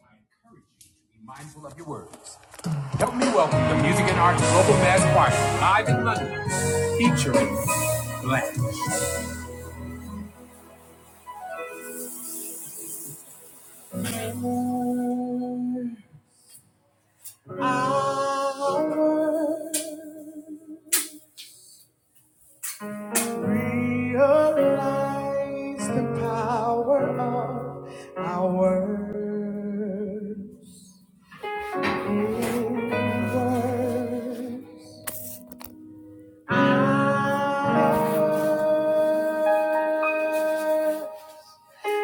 I encourage you to be mindful of your words. Help me welcome the Music and Arts Global Mass Choir live in London, featuring Blanche. I realize the power of our words. In words, I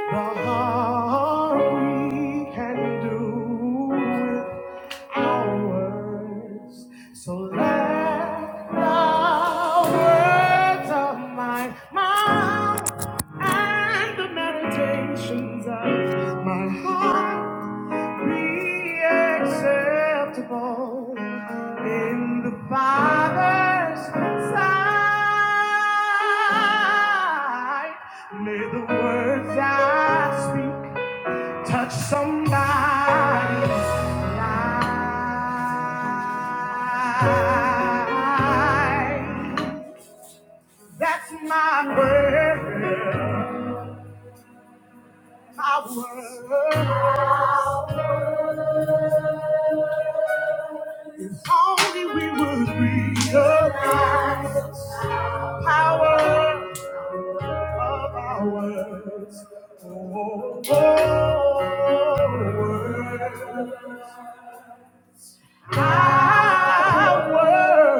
The harm we can do with our words. So let the words of my mouth and the meditations of my heart be acceptable in the Father's sight. May the words I speak touch somebody's life. That's my prayer. My word. If only we would realize. power of our words. Oh, oh, oh, words. I work.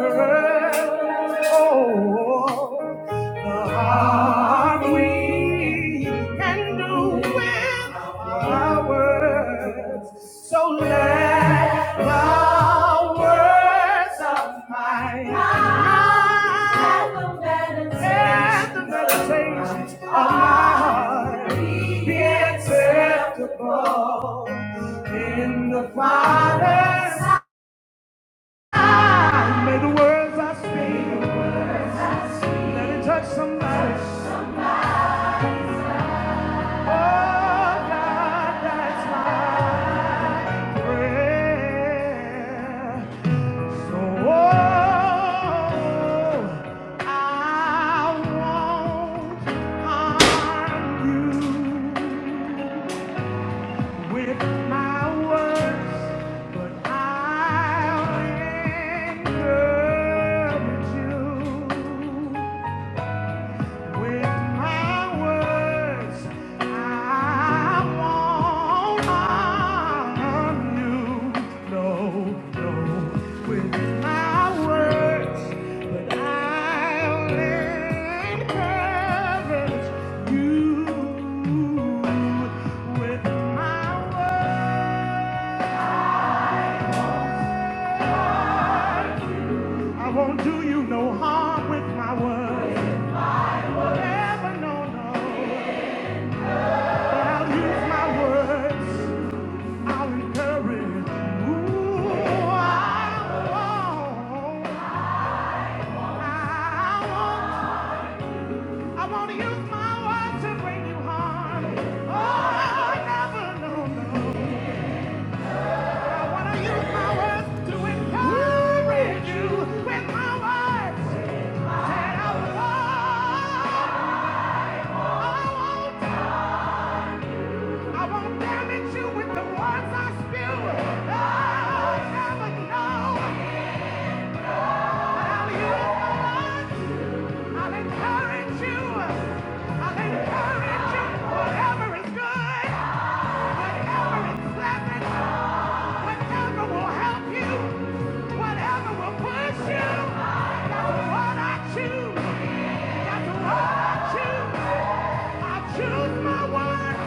Oh, the hard we can do with our words. So let the words of my mouth and the meditations of my heart be acceptable in the Father's May the words I speak, let it touch somebody. Oh, God, that's my prayer. So, oh, I won't harm you with my words, but I'll encourage you. With my words, I won't harm you. No, no. With my words, but I'll encourage you. With my words, I won't do you no harm with my words. Never, no, no. But I'll use my words. I'll encourage you. I won't, I won't use my words to bring you harm. Oh, I never, no, no. I want to use my words to encourage you with my words. I won't damage you with the words I spew. Oh, never know. I'll use my words. I'll encourage you. I'll encourage you. Whatever is good, whatever is pleasant, whatever will help you, whatever will push you, that's what I choose. That's what I choose. I choose my word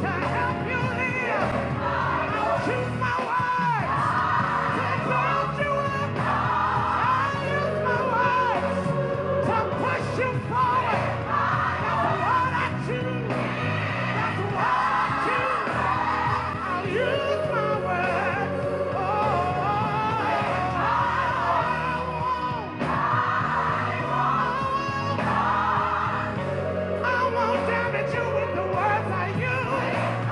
to help you live. I'll choose my words to build you up. I'll use my words to push you forward. That's what I choose. That's what I choose. I'll use my words. Oh, I won't damage you with the words I use.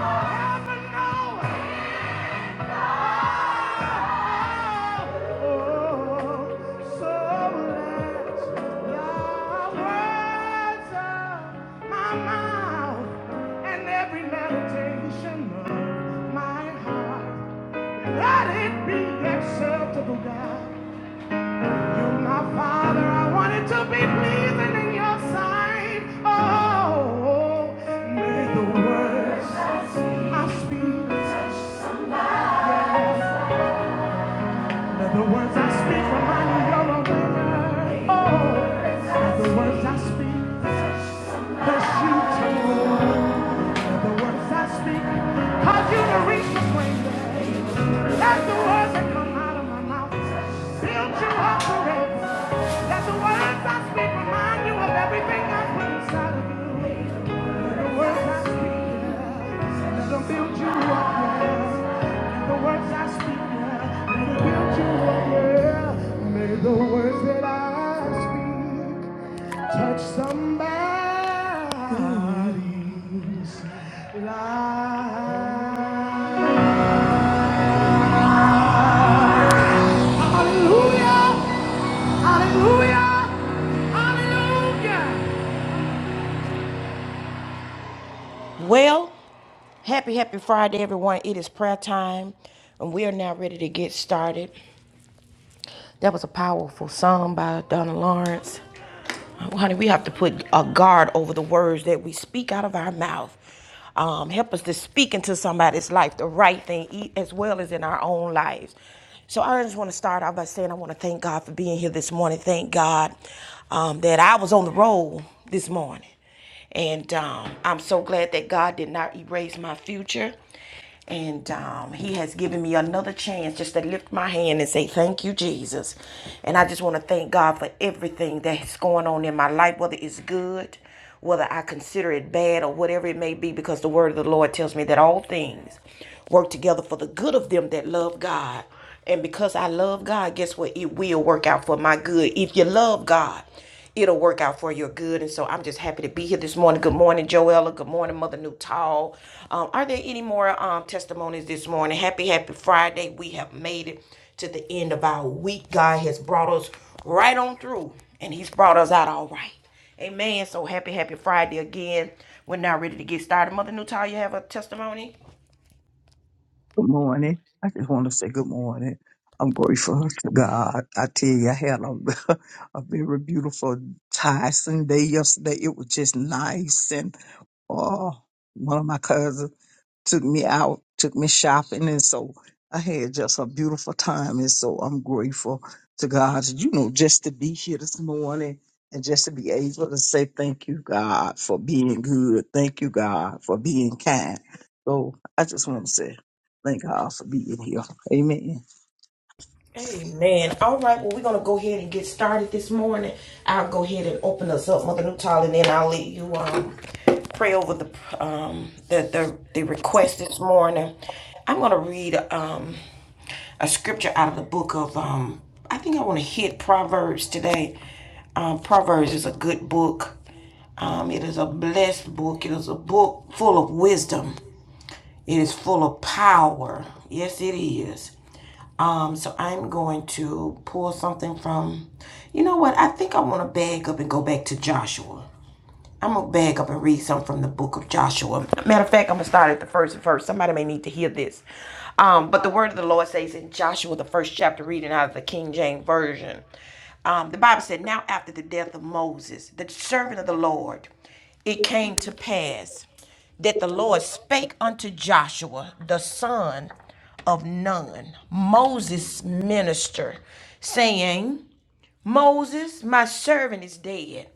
Heaven knows. let my it it be acceptable, God. You're my Father. I want it To be pleasing in your sight, oh, may the words I speak, yes. Let the words I speak remind you you're a winner. Oh, let the words I speak bless you too. Let the words I speak cause you to reach the greater. Let the words that come out of my mouth build you up forever. Let the words I speak remind you of everything I put inside of you. Let the words I speak. let the the words yeah. that I speak touch somebody's life. Hallelujah! Hallelujah! Hallelujah! Well, happy, happy Friday, everyone. It is prayer time, and we are now ready to get started. That was a powerful song by Donna Lawrence. Uh, Honey, we have to put a guard over the words that we speak out of our mouth. Um, help us to speak into somebody's life the right thing e- as well as in our own lives. So I just want to start off by saying I want to thank God for being here this morning. Thank God um, that I was on the road this morning. And um, I'm so glad that God did not erase my future. And um, he has given me another chance just to lift my hand and say, Thank you, Jesus. And I just want to thank God for everything that's going on in my life, whether it's good, whether I consider it bad, or whatever it may be, because the word of the Lord tells me that all things work together for the good of them that love God and because I love God, guess what? It will work out for my good. If you love God, it'll work out for your good. And so I'm just happy to be here this morning. Good morning, Joella. Good morning, Mother Newtall. Um, are there any more um, testimonies this morning? Happy, happy Friday. We have made it to the end of our week. God has brought us right on through, and He's brought us out all right. Amen. So happy, happy Friday again. We're now ready to get started. Mother Newtall, you have a testimony? Good morning. I just want to say good morning. I'm grateful to God. I tell you, I had a, a very beautiful Tyson day yesterday. It was just nice, and Oh, one of my cousins took me out, took me shopping, and so I had just a beautiful time. And so I'm grateful to God, you know, just to be here this morning and just to be able to say thank you, God, for being good. Thank you, God, for being kind. So I just want to say thank God for being here. Amen. Amen. All right, well, we're going to go ahead and get started this morning. I'll go ahead and open us up, Mother Nutall, and then I'll let you um, pray over the, um, the, the, the request this morning. I'm going to read um, a scripture out of the book of, um, I think I want to hit Proverbs today. Um, Proverbs is a good book. Um, it is a blessed book. It is a book full of wisdom. It is full of power. Yes, it is. Um, so I'm going to pull something from, you know what? I think I want to bag up and go back to Joshua. I'm gonna bag up and read something from the book of Joshua. Matter of fact, I'm gonna start at the first verse. Somebody may need to hear this. Um, but the word of the Lord says in Joshua, the first chapter, reading out of the King James Version. Um, the Bible said, Now after the death of Moses, the servant of the Lord, it came to pass that the Lord spake unto Joshua, the son of Nun, Moses' minister, saying, Moses, my servant is dead.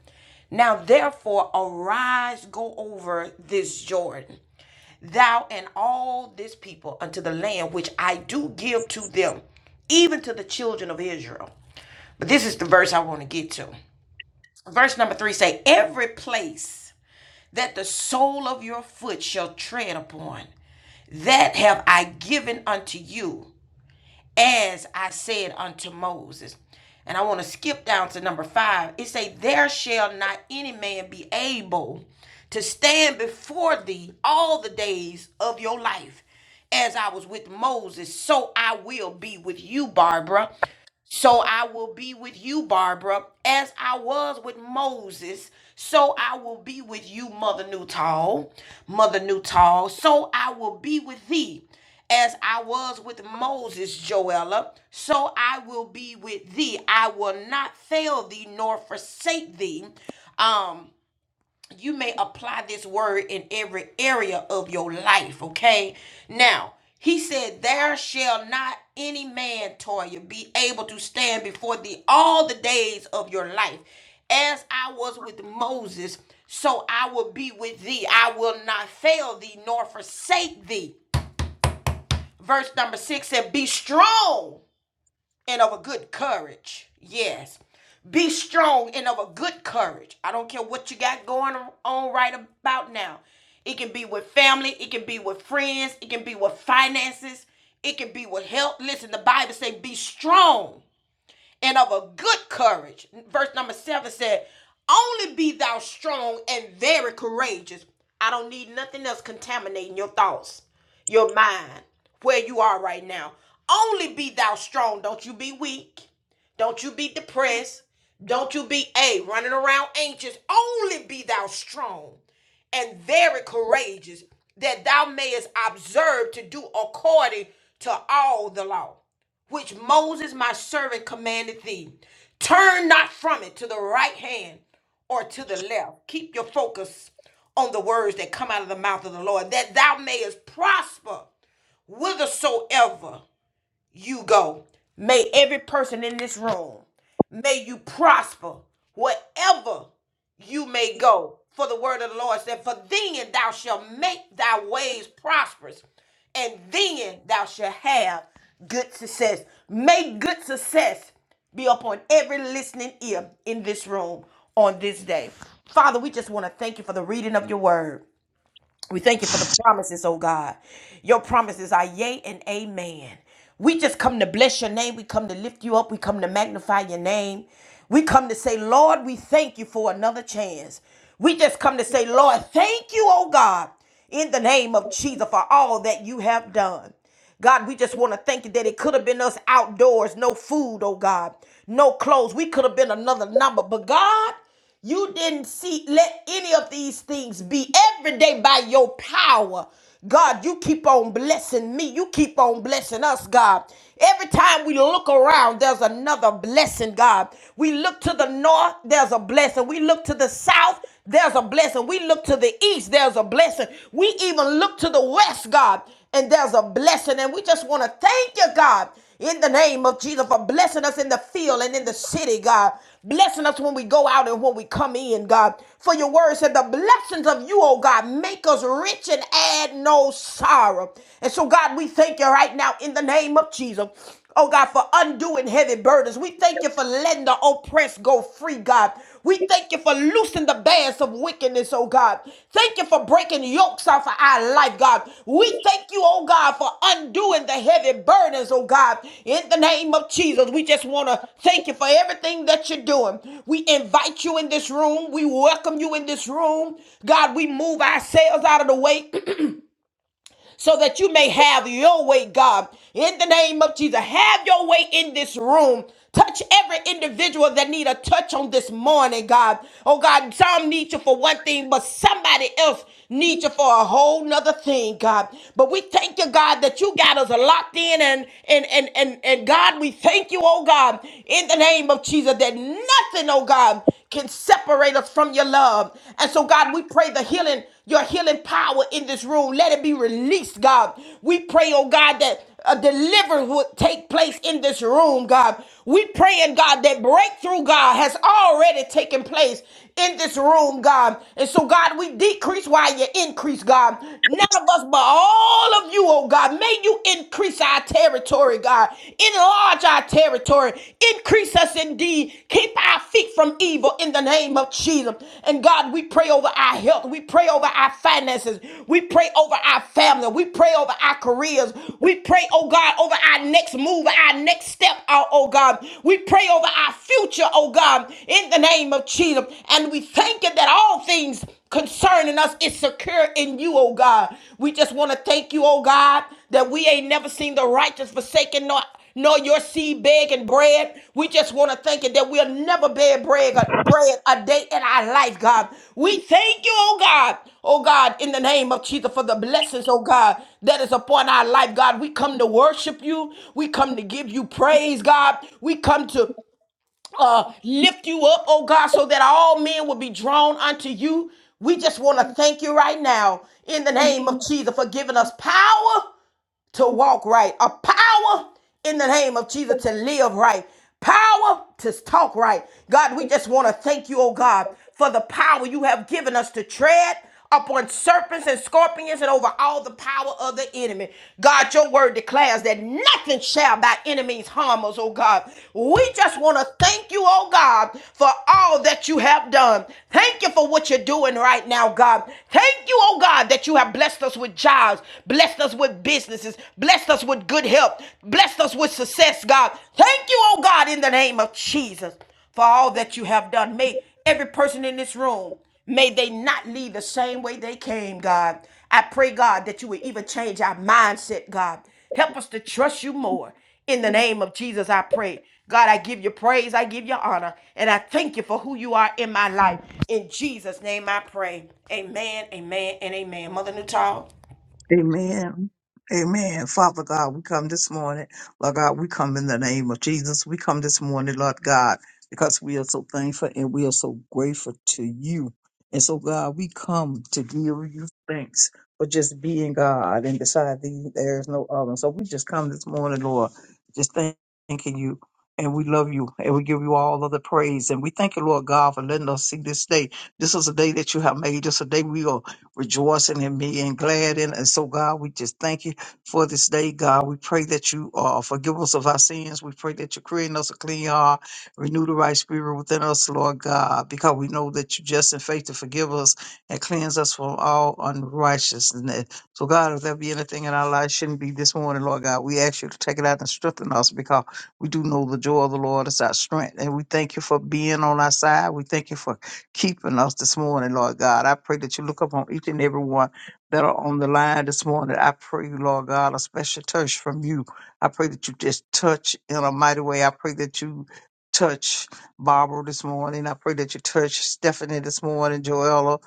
Now therefore arise, go over this Jordan, thou and all this people unto the land which I do give to them, even to the children of Israel. But this is the verse I want to get to. Verse number three say, Every place that the sole of your foot shall tread upon, that have I given unto you as I said unto Moses. And I want to skip down to number five. It say, There shall not any man be able to stand before thee all the days of your life. As I was with Moses, so I will be with you, Barbara. So I will be with you, Barbara, as I was with Moses. So I will be with you, Mother Newtall, Mother Newtall. So I will be with thee, as I was with Moses, Joella. So I will be with thee. I will not fail thee nor forsake thee. Um, you may apply this word in every area of your life, okay? Now, he said, There shall not any man, Toya, be able to stand before thee all the days of your life. As I was with Moses, so I will be with thee. I will not fail thee nor forsake thee. Verse number six said, Be strong and of a good courage. Yes. Be strong and of a good courage. I don't care what you got going on right about now. It can be with family, it can be with friends, it can be with finances, it can be with health. Listen, the Bible say be strong and of a good courage. Verse number seven said, Only be thou strong and very courageous. I don't need nothing else contaminating your thoughts, your mind, where you are right now. Only be thou strong. Don't you be weak. Don't you be depressed. Don't you be a running around anxious. Only be thou strong and very courageous, that thou mayest observe to do according to all the law which Moses my servant commanded thee. Turn not from it to the right hand or to the left. Keep your focus on the words that come out of the mouth of the Lord, that thou mayest prosper whithersoever you go. May every person in this room, may you prosper wherever you may go. For the word of the Lord said, For then thou shalt make thy ways prosperous, and then thou shalt have good success. May good success be upon every listening ear in this room on this day. Father, we just want to thank you for the reading of your word. We thank you for the promises, oh God. Your promises are yea and amen. We just come to bless your name. We come to lift you up. We come to magnify your name. We come to say, Lord, we thank you for another chance. We just come to say, Lord, thank you, oh God, in the name of Jesus for all that you have done. God, we just want to thank you that it could have been us outdoors, no food, oh God, no clothes. We could have been another number. But God, you didn't see let any of these things be every day by your power. God, you keep on blessing me. You keep on blessing us, God. Every time we look around, there's another blessing, God. We look to the north, there's a blessing. We look to the south, there's a blessing. We look to the east, there's a blessing. We even look to the west, God, and there's a blessing. And we just want to thank you, God, in the name of Jesus for blessing us in the field and in the city, God. Blessing us when we go out and when we come in, God. For your word said, the blessings of you, oh God, make us rich and add no sorrow. And so, God, we thank you right now in the name of Jesus. Oh God, for undoing heavy burdens. We thank you for letting the oppressed go free, God. We thank you for loosing the bands of wickedness, oh God. Thank you for breaking yokes off of our life, God. We thank you, oh God, for undoing the heavy burdens, oh God. In the name of Jesus, we just want to thank you for everything that you're doing. We invite you in this room. We welcome you in this room. God, we move ourselves out of the way. so that you may have your way, God. In the name of Jesus, have your way in this room. Touch every individual that need a touch on this morning, God. Oh God, some need you for one thing, but somebody else needs you for a whole nother thing, God. But we thank you, God, that you got us locked in and and and and, and God, we thank you, oh God, in the name of Jesus, that nothing, oh God can separate us from your love. And so, God, we pray the healing, your healing power in this room, let it be released, God. We pray, oh God, that a deliverance would take place in this room, God. We praying, God, that breakthrough, God, has already taken place in this room, God. And so, God, we decrease while you increase, God. None of us, but all of you, oh God, may you increase our territory territory, God. Enlarge our territory. Increase us indeed. Keep our feet from evil in the name of Jesus. And God, we pray over our health. We pray over our finances. We pray over our family. We pray over our careers. We pray, oh God, over our next move, our next step, oh oh God. We pray over our future, oh God, in the name of Jesus. And we thank you that all things concerning us is secure in you, oh God. We just want to thank you, oh God, that we ain't never seen the righteous forsaken nor nor your seed begging bread. We just want to thank you that we'll never beg bread, bread a day in our life, God. We thank you, oh God, oh God, in the name of Jesus for the blessings, oh God, that is upon our life, God. We come to worship you. We come to give you praise, God. We come to uh, lift you up, oh God, so that all men will be drawn unto you. We just want to thank you right now in the name of Jesus for giving us power to walk right, a power in the name of Jesus to live right, power to talk right. God, we just want to thank you, oh God, for the power you have given us to tread upon serpents and scorpions and over all the power of the enemy. God, your word declares that nothing shall by enemies harm us, oh God. We just want to thank you, oh God, for all that you have done. Thank you for what you're doing right now, God. Thank you, oh God, that you have blessed us with jobs, blessed Blessed us with businesses. Blessed us with good health. Blessed us with success, God. Thank you, oh God, in the name of Jesus for all that you have done. May every person in this room, may they not leave the same way they came, God. I pray, God, that you would even change our mindset, God. Help us to trust you more. In the name of Jesus, I pray. God, I give you praise, I give you honor, and I thank you for who you are in my life. In Jesus' name I pray. Amen, amen, and amen. Mother Newtall. Amen. Amen. Father God, we come this morning. Lord God, we come in the name of Jesus. We come this morning, Lord God, because we are so thankful and we are so grateful to you. And so, God, we come to give you thanks for just being God and beside thee, there is no other. So we just come this morning, Lord, just thank thanking you and we love you and we give you all of the praise and we thank you lord god for letting us see this day this is a day that you have made this is a day we are rejoicing and being glad in and so god we just thank you for this day god we pray that you uh, forgive us of our sins we pray that you create in us a clean heart renew the right spirit within us lord god because we know that you just in faith to forgive us and cleanse us from all unrighteousness so god if there be anything in our life shouldn't be this morning lord god we ask you to take it out and strengthen us because we do know the joy of the Lord is our strength. And we thank you for being on our side. We thank you for keeping us this morning, Lord God. I pray that you look upon each and every one that are on the line this morning. I pray, Lord God, a special touch from you. I pray that you just touch in a mighty way. I pray that you touch Barbara this morning. I pray that you touch Stephanie this morning, Joella.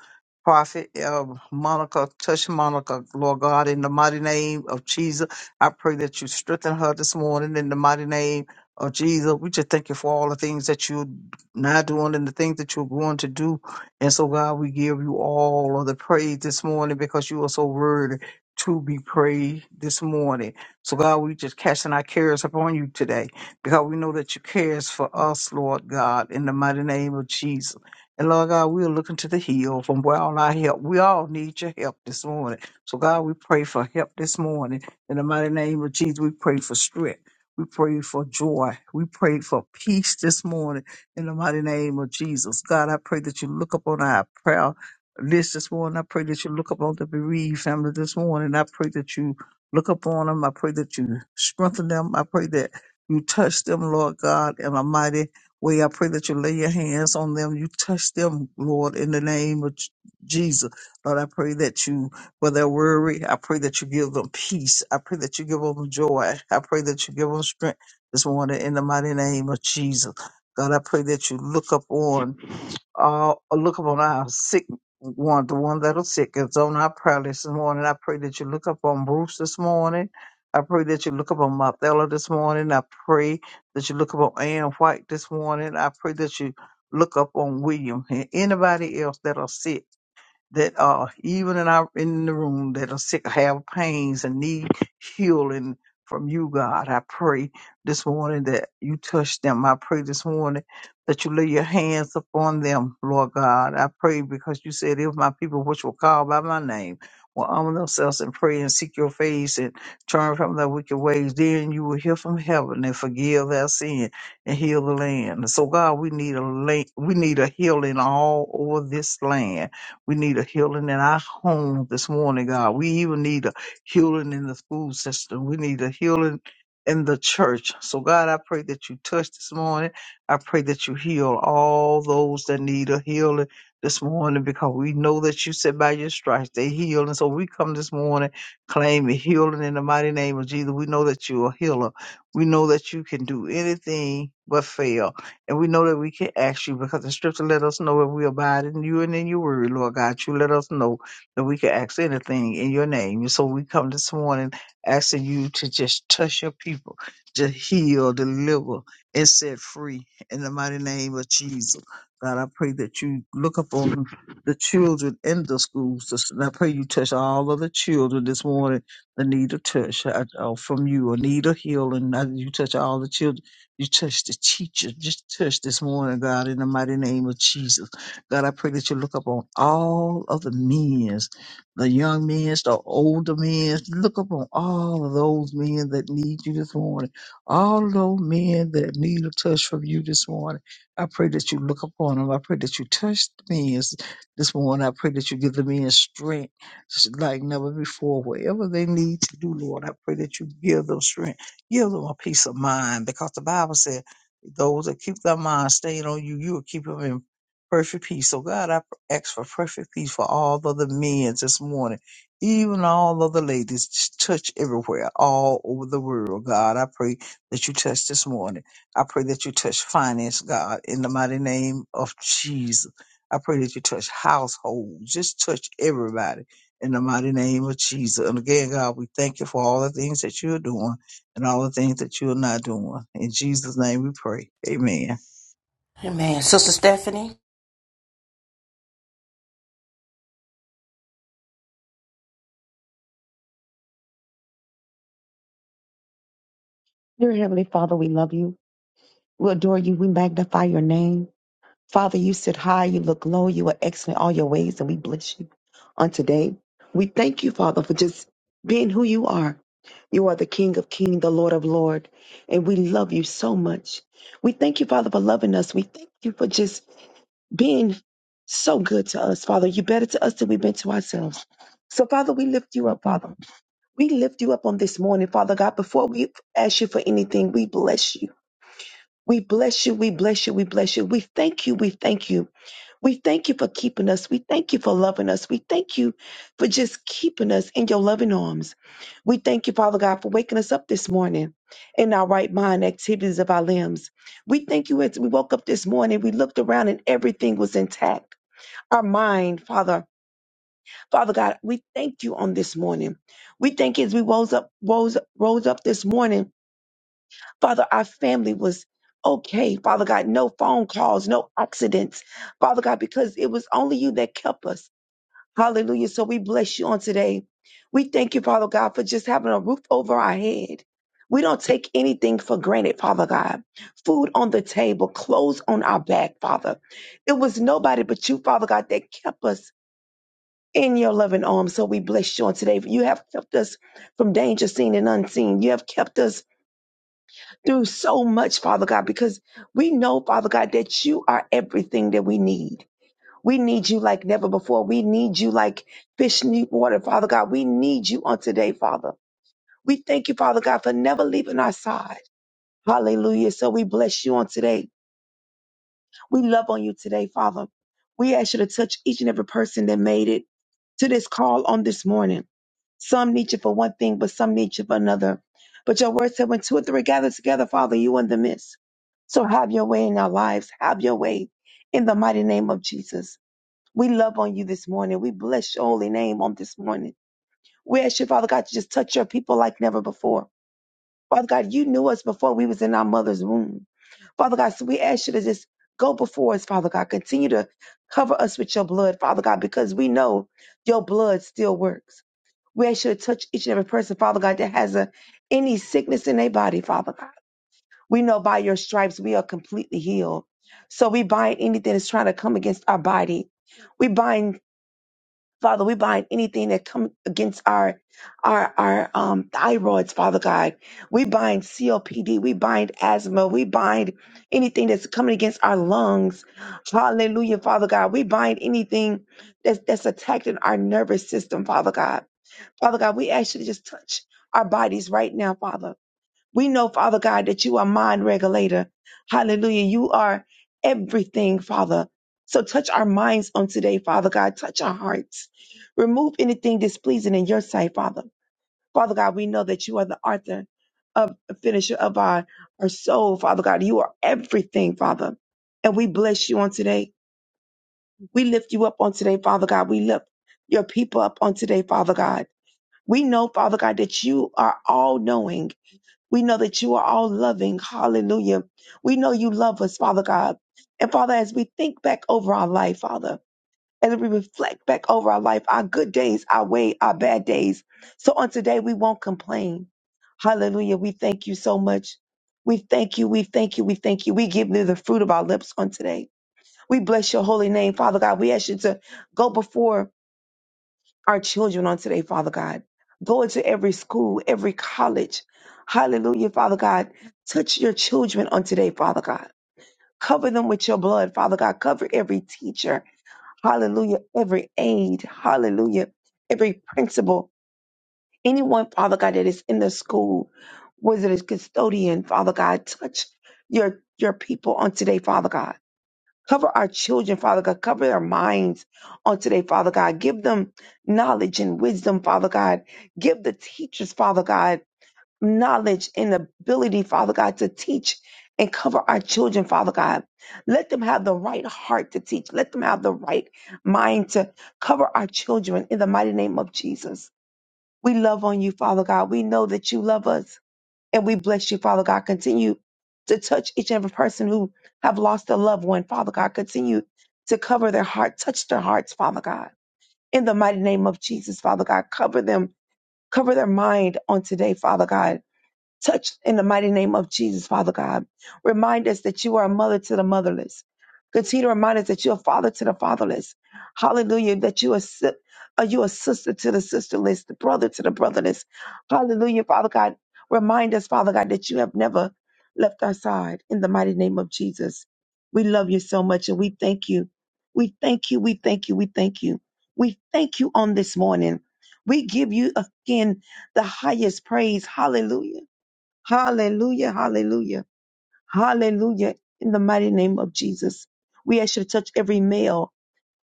Prophet uh, Monica, touch Monica, Lord God, in the mighty name of Jesus. I pray that you strengthen her this morning in the mighty name Oh, Jesus, we just thank you for all the things that you're now doing and the things that you're going to do. And so, God, we give you all of the praise this morning because you are so worthy to be praised this morning. So, God, we just casting our cares upon you today because we know that you cares for us, Lord God, in the mighty name of Jesus. And Lord God, we are looking to the hill from where all our help. We all need your help this morning. So God, we pray for help this morning. In the mighty name of Jesus, we pray for strength. We pray for joy. We pray for peace this morning in the mighty name of Jesus. God, I pray that you look upon our prayer list this morning. I pray that you look upon the bereaved family this morning. I pray that you look upon them. I pray that you strengthen them. I pray that you touch them, Lord God, in a mighty way. I pray that you lay your hands on them. You touch them, Lord, in the name of J- Jesus. Lord, I pray that you for their worry. I pray that you give them peace. I pray that you give them joy. I pray that you give them strength this morning in the mighty name of Jesus. God, I pray that you look up on uh, look upon our sick one, the one that is sick It's on our prayer list this morning. I pray that you look up on Bruce this morning. I pray that you look up on Marthella this morning. I pray that you look up on Ann White this morning. I pray that you look up on William and anybody else that are sick that are even in our in the room that are sick, have pains and need healing from you, God. I pray this morning that you touch them. I pray this morning that you lay your hands upon them, Lord God. I pray because you said if my people which will call by my name will humble themselves and pray and seek your face and turn from their wicked ways, then you will hear from heaven and forgive their sin and heal the land. So God, we need a la- we need a healing all over this land we need a healing in our home this morning, God. We even need a healing in the school system. We need a healing in the church. So, God, I pray that you touch this morning. I pray that you heal all those that need a healing this morning because we know that you said by your stripes they heal. And so we come this morning claiming healing in the mighty name of Jesus. We know that you're a healer. We know that you can do anything but fail. And we know that we can ask you because the scripture let us know if we abide in you and in your word, Lord God. You let us know that we can ask anything in your name. And so we come this morning asking you to just touch your people, just heal, deliver, and set free in the mighty name of Jesus. God, I pray that you look upon the children in the schools. And I pray you touch all of the children this morning that need a touch uh, uh, from you, or need a healing. I, you touch all the children you touch the teacher. Just touch this morning, God, in the mighty name of Jesus. God, I pray that you look upon all of the men, the young men, the older men. Look upon all of those men that need you this morning. All of those men that need a touch from you this morning. I pray that you look upon them. I pray that you touch the men this morning. I pray that you give the men strength like never before. Whatever they need to do, Lord, I pray that you give them strength. Give them a peace of mind because the Bible said, those that keep their mind stayed on you, you will keep them in perfect peace. So, God, I ask for perfect peace for all of the men this morning, even all of the ladies. Just touch everywhere, all over the world. God, I pray that you touch this morning. I pray that you touch finance, God, in the mighty name of Jesus. I pray that you touch households. Just touch everybody in the mighty name of Jesus. And again, God, we thank you for all the things that you're doing and all the things that you are not doing. well. In Jesus' name we pray. Amen. Amen. Sister Stephanie? Dear Heavenly Father, we love you. We adore you. We magnify your name. Father, you sit high, you look low, you are excellent in all your ways, and we bless you on today. We thank you, Father, for just being who you are. You are the King of Kings, the Lord of Lord, and we love you so much. We thank you, Father, for loving us. We thank you for just being so good to us, Father. You better to us than we've been to ourselves. So, Father, we lift you up, Father. We lift you up on this morning, Father God. Before we ask you for anything, we bless you. We bless you. We bless you. We bless you. We thank you. We thank you. We thank you for keeping us. We thank you for loving us. We thank you for just keeping us in your loving arms. We thank you, Father God, for waking us up this morning in our right mind, activities of our limbs. We thank you as we woke up this morning, we looked around and everything was intact. Our mind, Father, Father God, we thank you on this morning. We thank you as we rose up, rose, rose up this morning Father, our family was okay. Father God, no phone calls, no accidents. Father God, because it was only you that kept us. Hallelujah. So we bless you on today. We thank you, Father God, for just having a roof over our head. We don't take anything for granted, Father God. Food on the table, clothes on our back, Father. It was nobody but you, Father God, that kept us in your loving arms. So we bless you on today. You have kept us from danger seen and unseen. You have kept us through so much, Father God, because we know, Father God, that you are everything that we need. We need you like never before. We need you like fish need water, Father God. We need you on today, Father. We thank you, Father God, for never leaving our side. Hallelujah. So we bless you on today. We love on you today, Father. We ask you to touch each and every person that made it to this call on this morning. Some need you for one thing, but some need you for another. But your word said, when two or three gather together, Father, you in the midst. So have your way in our lives. Have your way in the mighty name of Jesus. We love on you this morning. We bless your holy name on this morning. We ask you, Father God, to just touch your people like never before. Father God, you knew us before we was in our mother's womb. Father God, so we ask you to just go before us, Father God. Continue to cover us with your blood, Father God, because we know your blood still works. We ask you to touch each and every person, Father God, that has a, any sickness in their body, Father God. We know by your stripes we are completely healed. So we bind anything that's trying to come against our body. We bind, Father, we bind anything that comes against our our our um thyroids, Father God. We bind COPD, we bind asthma, we bind anything that's coming against our lungs. Hallelujah, Father God. We bind anything that's that's attacking our nervous system, Father God. Father God, we ask you to just touch our bodies right now, Father. We know, Father God, that you are mind regulator. Hallelujah. You are everything, Father. So touch our minds on today, Father God. Touch our hearts. Remove anything displeasing in your sight, Father. Father God, we know that you are the author of finisher of our, our soul, Father God. You are everything, Father. And we bless you on today. We lift you up on today, Father God. We lift your people up on today, Father God. We know, Father God, that you are all knowing. We know that you are all loving. Hallelujah. We know you love us, Father God. And Father, as we think back over our life, Father, as we reflect back over our life, our good days, our way, our bad days. So on today, we won't complain. Hallelujah. We thank you so much. We thank you. We thank you. We thank you. We give you the fruit of our lips on today. We bless your holy name, Father God. We ask you to go before our children on today, Father God. Go into every school, every college. Hallelujah, Father God. Touch your children on today, Father God. Cover them with your blood, Father God. Cover every teacher. Hallelujah. Every aide. Hallelujah. Every principal. Anyone, Father God, that is in the school, whether it's custodian, Father God, touch your your people on today, Father God. Cover our children, Father God. Cover their minds on today, Father God. Give them knowledge and wisdom, Father God. Give the teachers, Father God, knowledge and ability, Father God, to teach and cover our children, Father God. Let them have the right heart to teach. Let them have the right mind to cover our children in the mighty name of Jesus. We love on you, Father God. We know that you love us. And we bless you, Father God. Continue to touch each and every person who have lost a loved one, Father God. Continue to cover their heart, touch their hearts, Father God. In the mighty name of Jesus, Father God, cover them, cover their mind on today, Father God. Touch in the mighty name of Jesus, Father God. Remind us that you are a mother to the motherless. Continue to remind us that you're a father to the fatherless. Hallelujah. That you are, si- are you a sister to the sisterless, the brother to the brotherless. Hallelujah, Father God. Remind us, Father God, that you have never left our side in the mighty name of Jesus. We love you so much and we thank you. We thank you. We thank you. We thank you. We thank you on this morning. We give you again the highest praise. Hallelujah. Hallelujah, hallelujah, hallelujah. In the mighty name of Jesus, we ask you to touch every male.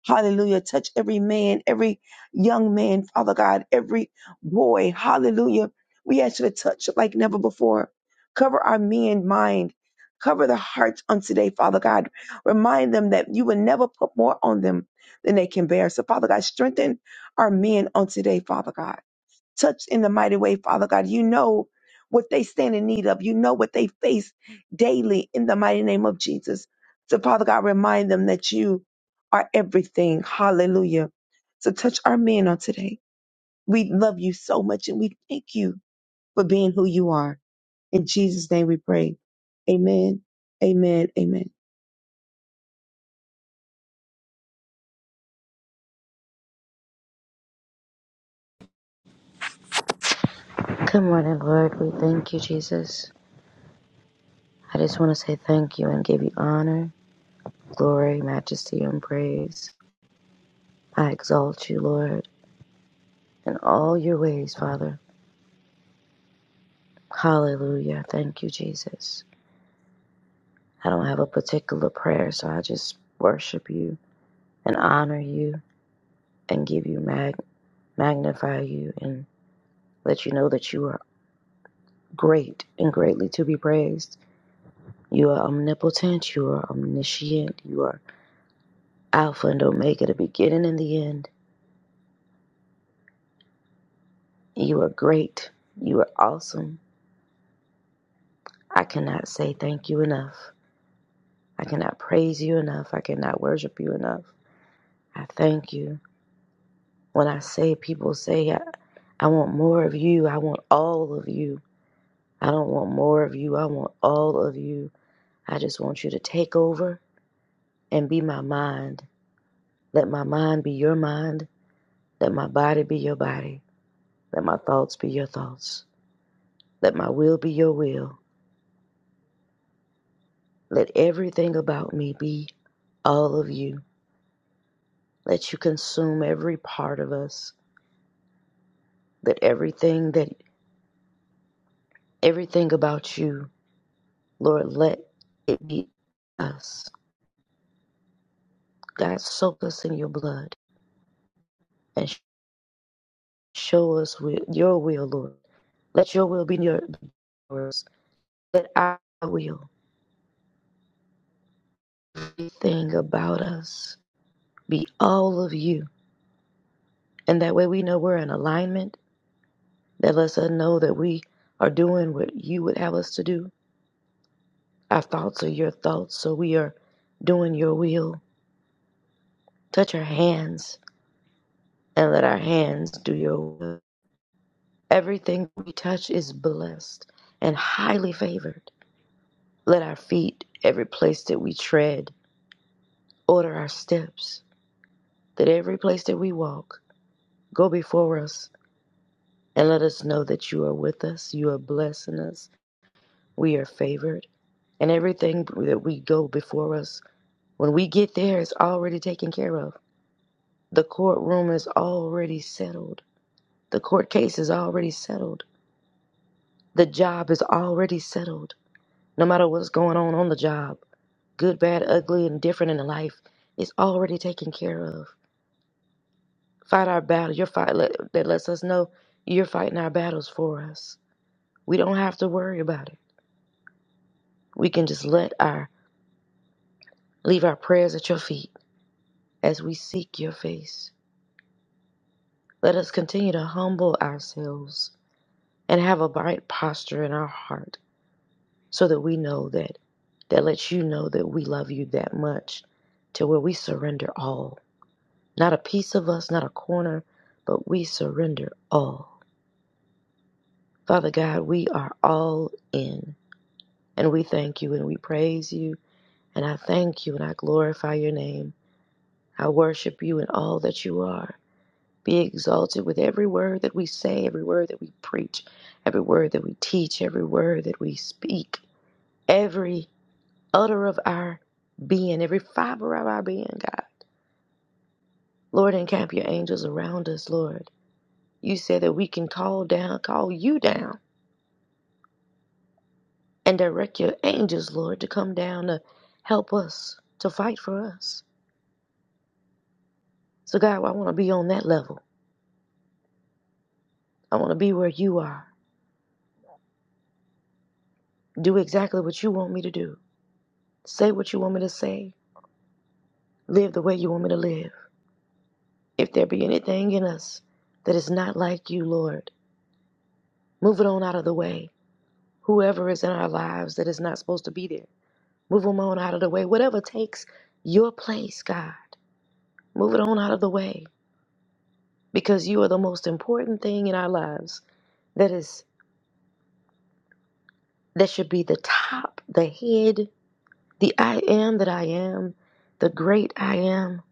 Hallelujah. Touch every man, every young man, Father God, every boy. Hallelujah. We ask you to touch like never before. Cover our men mind. Cover the hearts on today, Father God. Remind them that you will never put more on them than they can bear. So, Father God, strengthen our men on today, Father God touch in the mighty way, Father God. You know what they stand in need of. You know what they face daily in the mighty name of Jesus. So, Father God, remind them that you are everything. Hallelujah. So, touch our men on today. We love you so much and we thank you for being who you are. In Jesus' name we pray. Amen. Amen. Amen. Good morning, Lord. We thank you, Jesus. I just want to say thank you and give you honor, glory, majesty, and praise. I exalt you, Lord, in all your ways, Father. Hallelujah. Thank you, Jesus. I don't have a particular prayer, so I just worship you and honor you and give you mag- magnify you and let you know that you are great and greatly to be praised. You are omnipotent, you are omniscient, you are Alpha and Omega, the beginning and the end. You are great. You are awesome. I cannot say thank you enough. I cannot praise you enough. I cannot worship you enough. I thank you. When I say, people say, I, I want more of you. I want all of you. I don't want more of you. I want all of you. I just want you to take over and be my mind. Let my mind be your mind. Let my body be your body. Let my thoughts be your thoughts. Let my will be your will. Let everything about me be all of you. that you consume every part of us, that everything that everything about you, Lord, let it be us. God, soak us in your blood and sh- show us wi- your will, Lord. Let your will be your yours. Let our will, everything about us, be all of you. And that way we know we're in alignment. That lets us know that we are doing what you would have us to do. Our thoughts are your thoughts, so we are doing your will. Touch our hands and let our hands do your will. Everything we touch is blessed and highly favored. Let our feet, every place that we tread, order our steps, that every place that we walk, go before us, and let us know that you are with us, you are blessing us, we are favored, and everything that we go before us, when we get there, is already taken care of. The courtroom is already settled. The court case is already settled. The job is already settled. No matter what's going on on the job, good, bad, ugly, and different in the life, it's already taken care of. Fight our battle. Your fight let, that lets us know you're fighting our battles for us. We don't have to worry about it. We can just let our leave our prayers at your feet as we seek your face. Let us continue to humble ourselves and have a right posture in our heart, so that we know that that lets you know that we love you that much, to where we surrender all Not a piece of us, not a corner, but we surrender all. Father God, we are all in. And we thank you and we praise you. And I thank you and I glorify your name. I worship you in all that you are. Be exalted with every word that we say, every word that we preach, every word that we teach, every word that we speak, every utter of our being, every fiber of our being, God. Lord, encamp your angels around us, Lord. You said that we can call down, call you down and direct your angels, Lord, to come down to help us, to fight for us. So, God, I want to be on that level. I want to be where you are. Do exactly what you want me to do. Say what you want me to say. Live the way you want me to live. If there be anything in us that is not like you, Lord, move it on out of the way. Whoever is in our lives that is not supposed to be there, move them on out of the way. Whatever takes your place, God, move it on out of the way because you are the most important thing in our lives that is that should be the top, the head, the I am that I am, the great I am,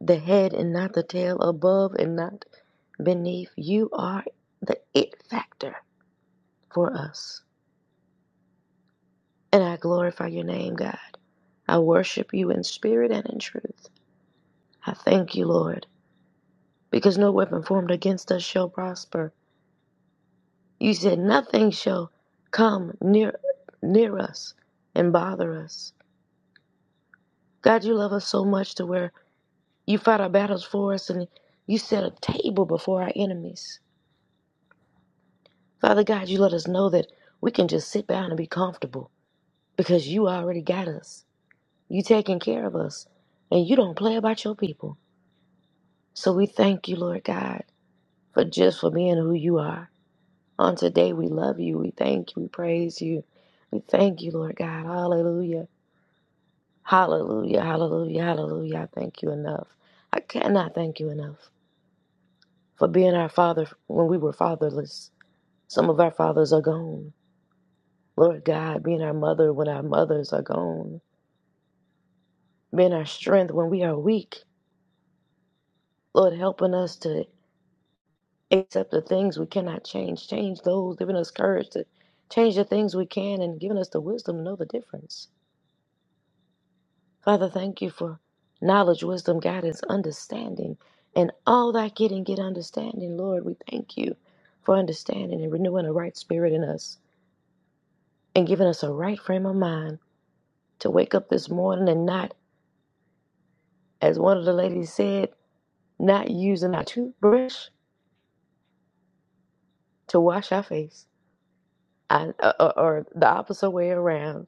the head and not the tail, above and not beneath. You are the it factor for us. And I glorify your name, God. I worship you in spirit and in truth. I thank you, Lord, because no weapon formed against us shall prosper. You said nothing shall come near near us and bother us. God, you love us so much to where You fought our battles for us and you set a table before our enemies. Father God, you let us know that we can just sit down and be comfortable because you already got us. You taking care of us and you don't play about your people. So we thank you, Lord God, for just for being who you are. On today, we love you. We thank you. We praise you. We thank you, Lord God. Hallelujah. Hallelujah. Hallelujah. Hallelujah. I thank you enough. I cannot thank you enough for being our father when we were fatherless Some of our fathers are gone. Lord God, being our mother when our mothers are gone, being our strength when we are weak. Lord, helping us to accept the things we cannot change, change those, giving us courage to change the things we can, and giving us the wisdom to know the difference. Father, thank you for knowledge, wisdom, guidance, understanding, and all that getting, get understanding. Lord, we thank you for understanding and renewing a right spirit in us and giving us a right frame of mind to wake up this morning and not as one of the ladies said, not using our toothbrush to wash our face, I, or, or the opposite way around,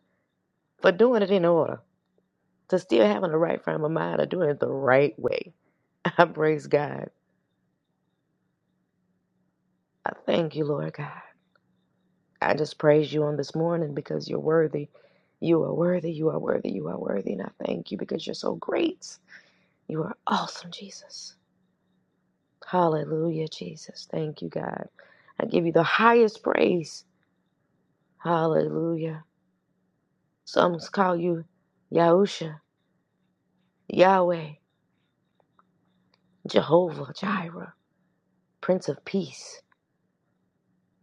but doing it in order, to still having the right frame of mind of doing it the right way. I praise God. I thank you, Lord God. I just praise you on this morning because you're worthy. You are worthy. You are worthy. You are worthy. And I thank you because you're so great. You are awesome, Jesus. Hallelujah, Jesus. Thank you, God. I give you the highest praise. Hallelujah. Some call you Yahusha, Yahweh, Jehovah, Jireh, Prince of Peace,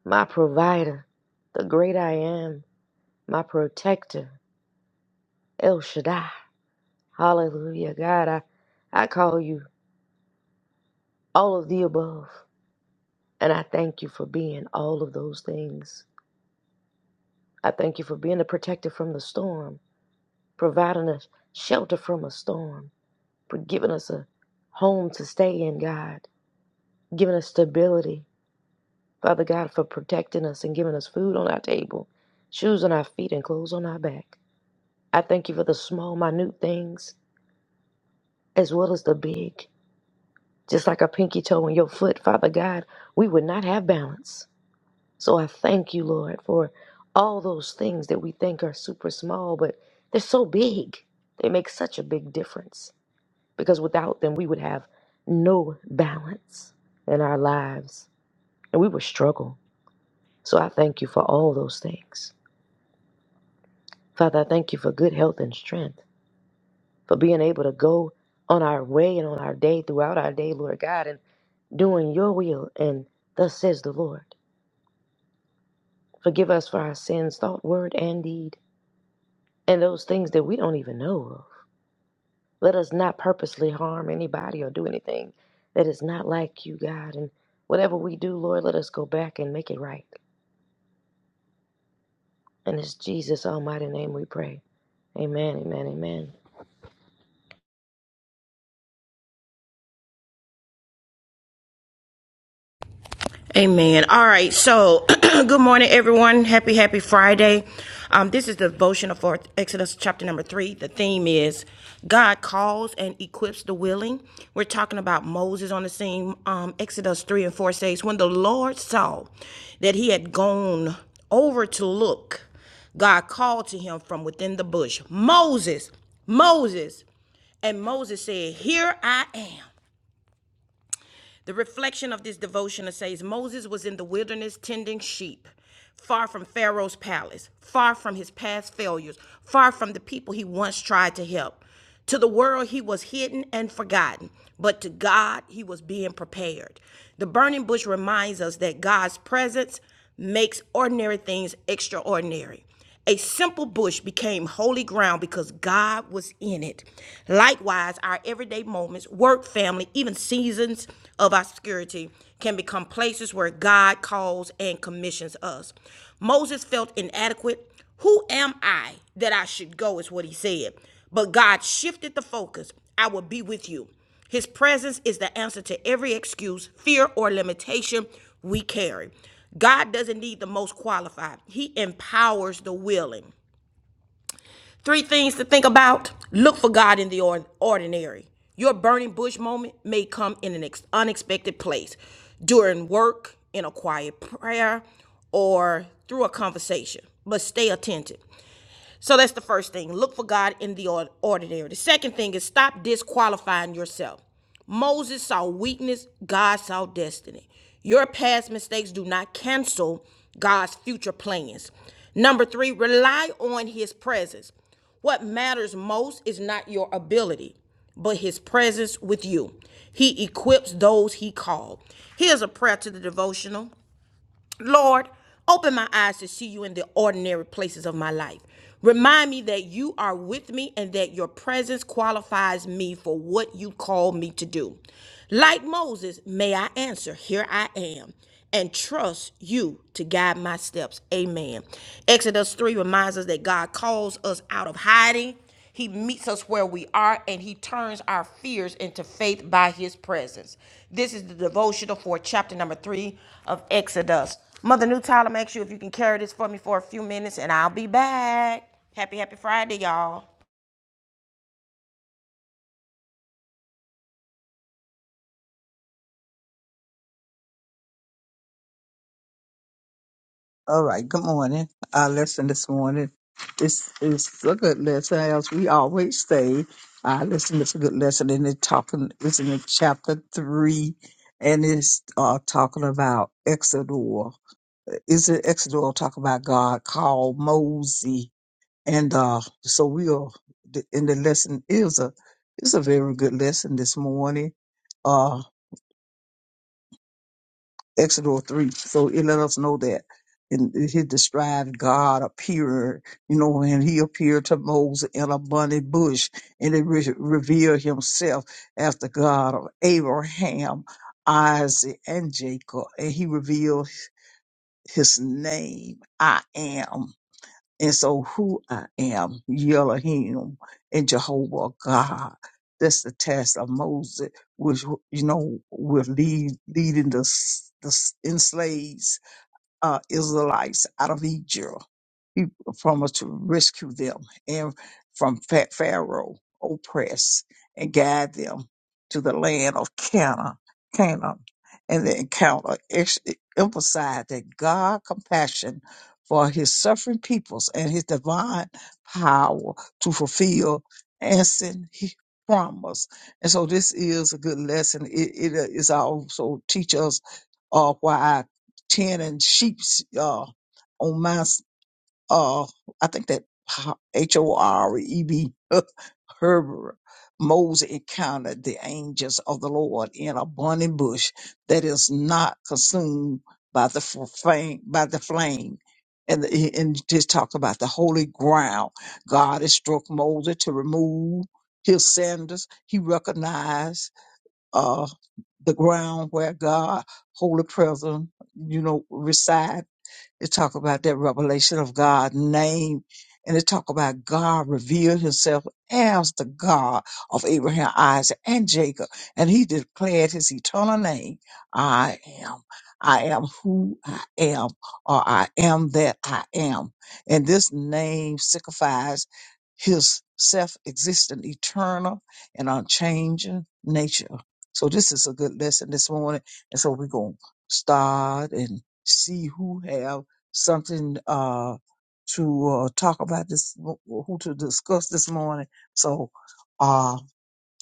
my provider, the great I am, my protector, El Shaddai. Hallelujah, God. I, I call you all of the above. And I thank you for being all of those things. I thank you for being a protector from the storm, providing us shelter from a storm, for giving us a home to stay in, God, giving us stability, Father God, for protecting us and giving us food on our table, shoes on our feet, and clothes on our back. I thank you for the small, minute things as well as the big. Just like a pinky toe in your foot, Father God, we would not have balance. So I thank you, Lord, for all those things that we think are super small, but they're so big. They make such a big difference because without them, we would have no balance in our lives and we would struggle. So I thank you for all those things. Father, I thank you for good health and strength, for being able to go on our way and on our day throughout our day, Lord God, and doing your will. And thus says the Lord, forgive us for our sins, thought, word, and deed, and those things that we don't even know of. Let us not purposely harm anybody or do anything that is not like you, God. And whatever we do, Lord, let us go back and make it right. And it's Jesus' almighty name we pray. Amen, amen, amen. Amen. All right. So, good morning, everyone. Happy, happy Friday. Um, this is the devotional for Exodus chapter number three. The theme is God calls and equips the willing. We're talking about Moses on the scene. Um, Exodus three and four says, "When the Lord saw that he had gone over to look, God called to him from within the bush, Moses, Moses." And Moses said, Here I am. The reflection of this devotion says Moses was in the wilderness tending sheep, far from Pharaoh's palace, far from his past failures, far from the people he once tried to help. To the world, he was hidden and forgotten, but to God, he was being prepared. The burning bush reminds us that God's presence makes ordinary things extraordinary. A simple bush became holy ground because God was in it. Likewise, our everyday moments, work, family, even seasons of obscurity can become places where God calls and commissions us. Moses felt inadequate. Who am I that I should go, is what he said. But God shifted the focus. I will be with you. His presence is the answer to every excuse, fear, or limitation we carry. God doesn't need the most qualified, He empowers the willing. Three things to think about look for God in the ordinary. Your burning bush moment may come in an unexpected place during work, in a quiet prayer, or through a conversation, but stay attentive. So that's the first thing. Look for God in the ordinary. The second thing is stop disqualifying yourself. Moses saw weakness, God saw destiny. Your past mistakes do not cancel God's future plans. Number three, rely on his presence. What matters most is not your ability, but his presence with you. He equips those he called. Here's a prayer to the devotional. Lord, open my eyes to see you in the ordinary places of my life. Remind me that you are with me and that your presence qualifies me for what you call me to do. Like Moses, may I answer, Here I am, and trust you to guide my steps. Amen. Exodus 3 reminds us that God calls us out of hiding he meets us where we are and he turns our fears into faith by his presence. This is the devotional for chapter number three of Exodus. Mother New Tyler, make sure if you can carry this for me for a few minutes and I'll be back. Happy, happy Friday, y'all. All right, good morning. Our lesson this morning is is a good lesson. As we always say, our lesson is a good lesson and it's talking it's in chapter three and it's uh talking about Exodus is it Exodus talk about God called Moses, and uh, so we are. And the lesson is a it's a very good lesson this morning. Uh, Exodus 3. So it let us know that. And he described God appeared, you know, and he appeared to Moses in a burning bush and it re- revealed himself as the God of Abraham, Isaac, and Jacob. And he revealed his name, I am. And so who I am, Elohim and Jehovah God. That's the task of Moses, which, you know, will lead, leading the, s- the s- enslaved uh, Israelites out of Egypt people from us to rescue them and from Pha- Pharaoh oppress and guide them to the land of Canaan, Canaan, and the encounter ex- emphasized that God compassion for His suffering peoples and His divine power to fulfill and send His promise. And so, this is a good lesson. It, it uh, is also teach us uh, why tending sheep's uh, on Mount uh, I think that H O R E B Herbert Moses encountered the angels of the Lord in a burning bush that is not consumed by the f- flame. By the flame. And, the- and just talk about the holy ground. God instructed Moses to remove his sandals. He recognized uh, the ground where God, holy presence, you know, reside it talk about that revelation of God's name. And it talk about God revealed himself as the God of Abraham, Isaac, and Jacob. And he declared his eternal name. I am. I am who I am, or I am that I am. And this name signifies his self-existent, eternal, and unchanging nature. So this is a good lesson this morning. And so we're going to start and see who have something uh, to uh, talk about this, who to discuss this morning. So, uh,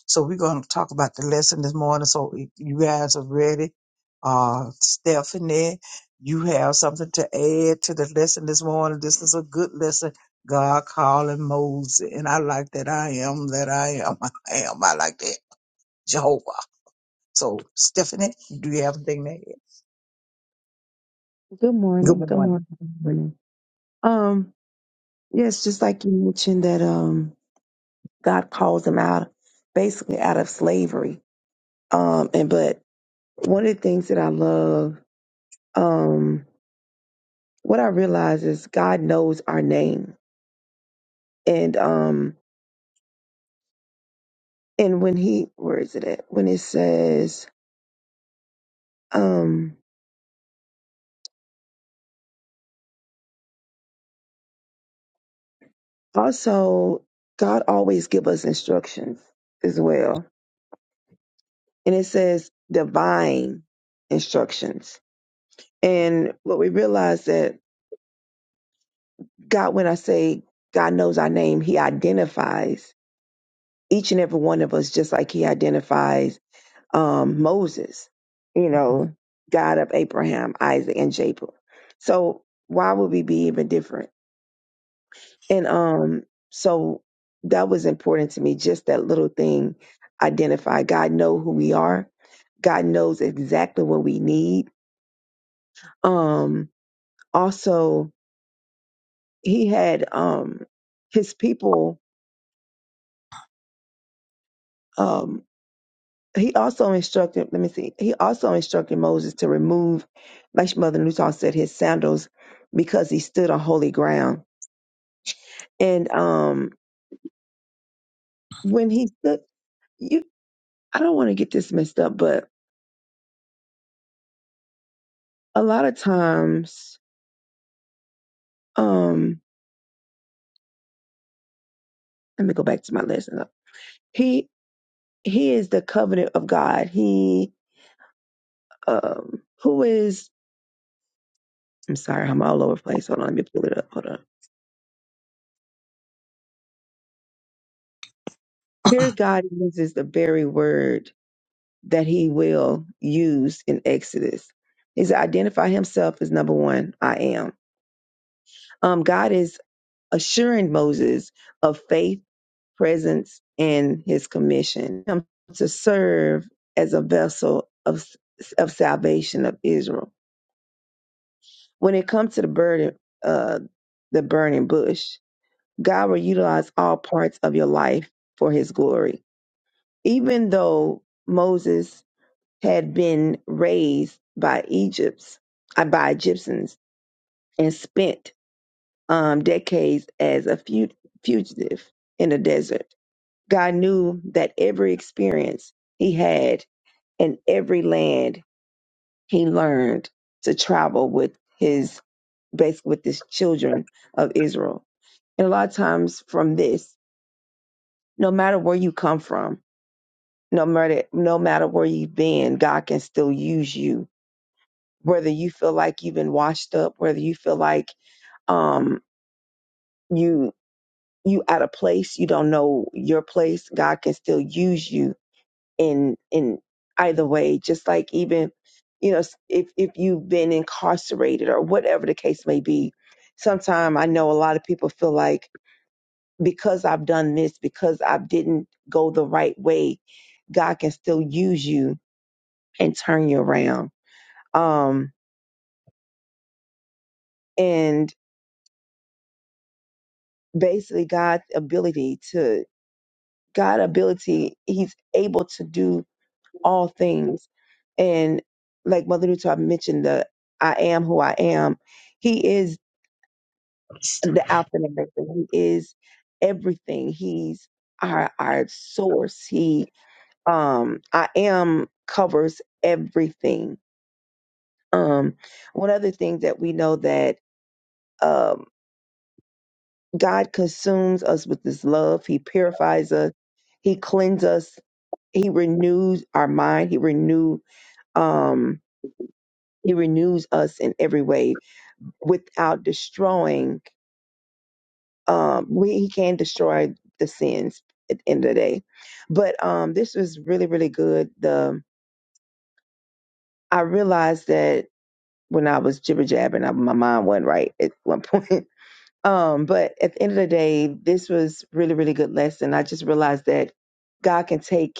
so we're going to talk about the lesson this morning. So if you guys are ready. Uh, Stephanie, you have something to add to the lesson this morning. This is a good lesson. God calling Moses, and I like that. I am that I am. I am. I like that. Jehovah. So, Stephanie, do you have anything to add? Good morning. Good Good morning. morning. Good morning. Um, Yes, just like you mentioned that um God calls them out basically out of slavery. Um and but one of the things that I love, um, what I realize is God knows our name. And um and when he where is it at? When it says, um also God always give us instructions as well. And it says divine instructions. And what we realize that God, when I say God knows our name, He identifies each and every one of us just like He identifies um, Moses, you Oh. know, God of Abraham, Isaac, and Jacob. So why would we be even different? And um, so that was important to me, just that little thing identify. God know who we are. God knows exactly what we need. Um, also, he had um his people um, he also instructed, let me see, he also instructed Moses to remove, like Mother Newton said, his sandals because he stood on holy ground. And um when he stood you I don't want to get this messed up, but a lot of times, um, let me go back to my lesson. He he is the covenant of God. He um who is I'm sorry, I'm all over the place. Hold on, let me pull it up. Hold on. Here God uses the very word that he will use in Exodus. Is identify himself as number one, I am. Um, God is assuring Moses of faith, presence, and his commission Him to serve as a vessel of of salvation of Israel. When it comes to the burden, uh, the burning bush, God will utilize all parts of your life for His glory. Even though Moses had been raised by Egypt's uh, by Egyptians and spent um, decades as a fu- fugitive in the desert. God knew that every experience he had and every land he learned to travel with his basically with his children of Israel. And a lot of times from this, no matter where you come from, no matter no matter where you've been, God can still use you whether you feel like you've been washed up, whether you feel like um you you out of place, you don't know your place, God can still use you in in either way, just like even you know if if you've been incarcerated or whatever the case may be. Sometimes I know a lot of people feel like because I've done this, because I didn't go the right way, God can still use you and turn you around. Um and basically God's ability to God ability, he's able to do all things. And like Mother Nuta mentioned, the I am who I am. He is the Alpha and Omega. He is everything. He's our our source. He um I am covers everything. Um one other thing that we know that um God consumes us with his love. He purifies us. He cleanses us. He renews our mind. He renews um he renews us in every way without destroying um we he can destroy the sins at the end of the day but um this was really really good the i realized that when i was jibber jabbing I, my mind wasn't right at one point um but at the end of the day this was really really good lesson i just realized that god can take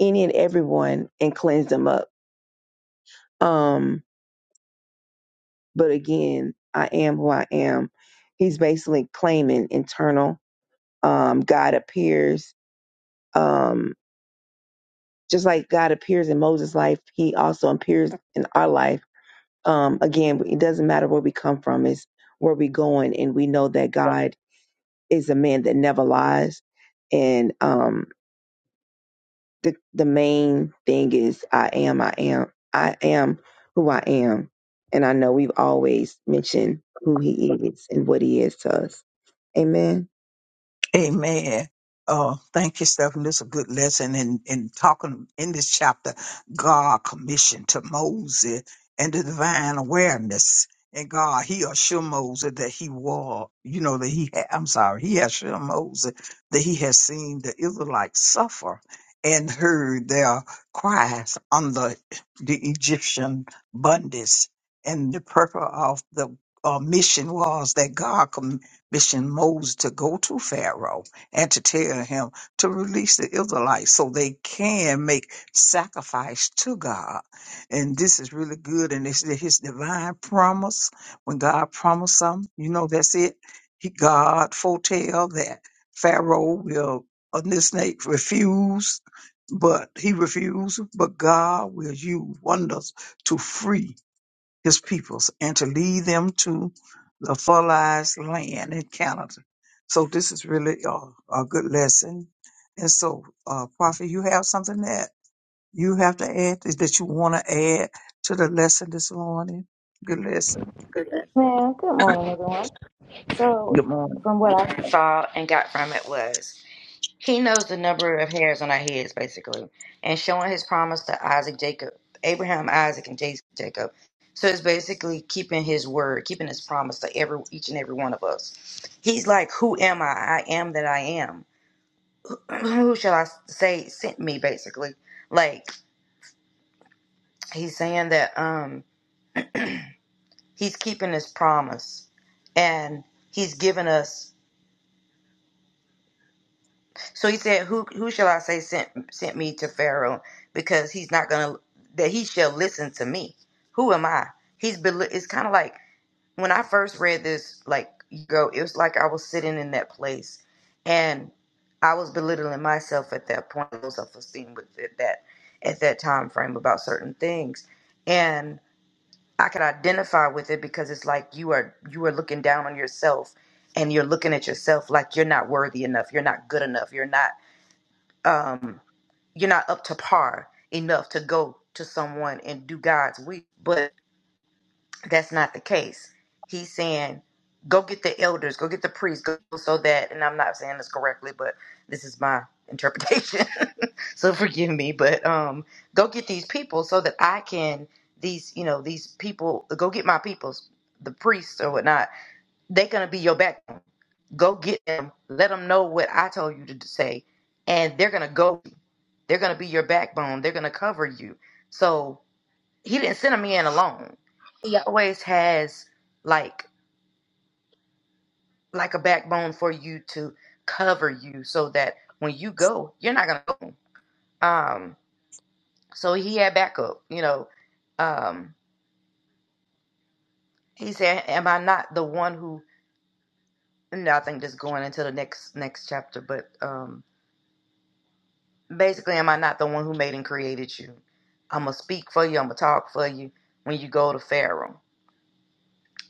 any and everyone and cleanse them up um but again, I am who I am. He's basically claiming internal. Um, God appears, um, just like God appears in Moses' life, he also appears in our life. Um, again, it doesn't matter where we come from, it's where we going, and we know that God is a man that never lies. And um, the the main thing is, I am, I am, I am who I am, and I know we've always mentioned who He is and what He is to us. Amen. Amen. Oh, thank you, Stephanie. This is a good lesson in, in talking in this chapter. God commissioned to Moses and the divine awareness. And God, he assured Moses that he was, you know, that he had, I'm sorry, he assured Moses that he had seen the Israelites suffer and heard their cries under the Egyptian bondage. And the purpose of the uh, mission was that God mission Moses to go to Pharaoh and to tell him to release the Israelites so they can make sacrifice to God. And this is really good. And it's his divine promise. When God promised something, you know, that's it. He, God foretell that Pharaoh will, on this snake, refuse but he refused. But God will use wonders to free his peoples and to lead them to the fertilized land in Canada. So this is really a, a good lesson. And so, uh, Prophet, you have something that you have to add that you want to add to the lesson this morning. Good lesson. Good. Man, good morning, everyone. So, Good morning. from what I saw and got from it was he knows the number of hairs on our heads, basically, and showing his promise to Isaac, Jacob, Abraham, Isaac, and Jacob. So it's basically keeping his word, keeping his promise to every each and every one of us. He's like, "Who am I? I am that I am. Who shall I say sent me?" Basically, like he's saying that um he's keeping his promise, and he's given us. So he said, "Who who shall I say sent sent me to Pharaoh? Because he's not gonna that he shall listen to me. Who am I? He's bel it's kind of like when I first read this like you go. It was like I was sitting in that place, and I was belittling myself at that point. Low self esteem with it, that at that time frame about certain things, and I could identify with it because it's like you are you are looking down on yourself." And you're looking at yourself like you're not worthy enough. You're not good enough. You're not um, you're not up to par enough to go to someone and do God's will. But that's not the case. He's saying, go get the elders, go get the priests, go so that, and I'm not saying this correctly, but this is my interpretation. so forgive me, but um, go get these people so that I can, these, you know, these people, go get my peoples, the priests or whatnot. They're going to be your backbone. Go get them, let them know what I told you to say, and they're going to go. They're going to be your backbone. They're going to cover you. So he didn't send a man alone. He always has like like a backbone for you to cover you so that when you go, you're not going to go. Um so he had backup, you know. Um he said, "Am I not the one who and I think just going into the next next chapter, but um basically am I not the one who made and created you? I'm going to speak for you, I'm going to talk for you when you go to Pharaoh."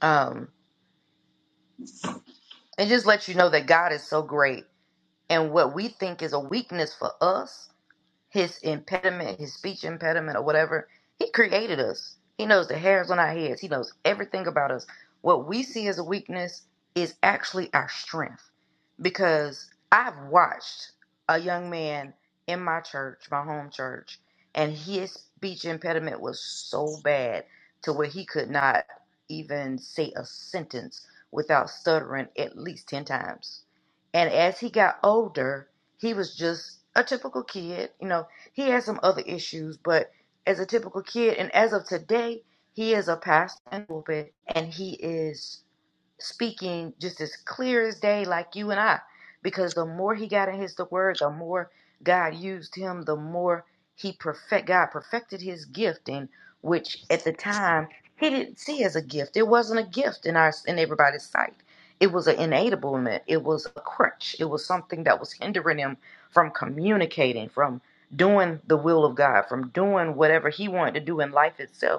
Um It just lets you know that God is so great. And what we think is a weakness for us, his impediment, his speech impediment or whatever. He created us. He knows the hairs on our heads. He knows everything about us. What we see as a weakness is actually our strength. Because I've watched a young man in my church, my home church, and his speech impediment was so bad to where he could not even say a sentence without stuttering at least 10 times. And as he got older, he was just a typical kid. You know, he had some other issues, but as a typical kid, and as of today, he is a pastor in the pulpit, and he is speaking just as clear as day, like you and I. Because the more he got in his the word, the more God used him, the more he perfect God perfected his gifting, which at the time he didn't see as a gift. It wasn't a gift in our in everybody's sight. It was an enablement. It was a crutch. It was something that was hindering him from communicating, from doing the will of God, from doing whatever he wanted to do in life itself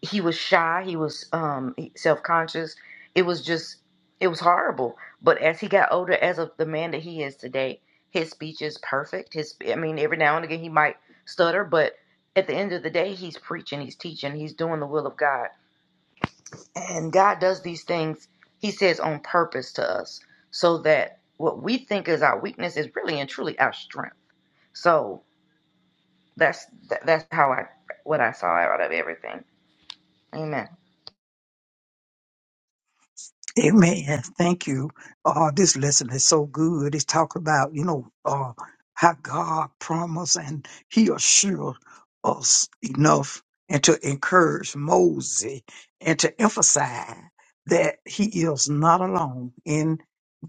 he was shy he was um self-conscious it was just it was horrible but as he got older as of the man that he is today his speech is perfect his i mean every now and again he might stutter but at the end of the day he's preaching he's teaching he's doing the will of god and god does these things he says on purpose to us so that what we think is our weakness is really and truly our strength so that's that, that's how i what i saw out of everything amen Amen. Thank you. Oh, this lesson is so good. It's talk about, you know, uh, how God promised and he assured us enough and to encourage Moses and to emphasize that he is not alone in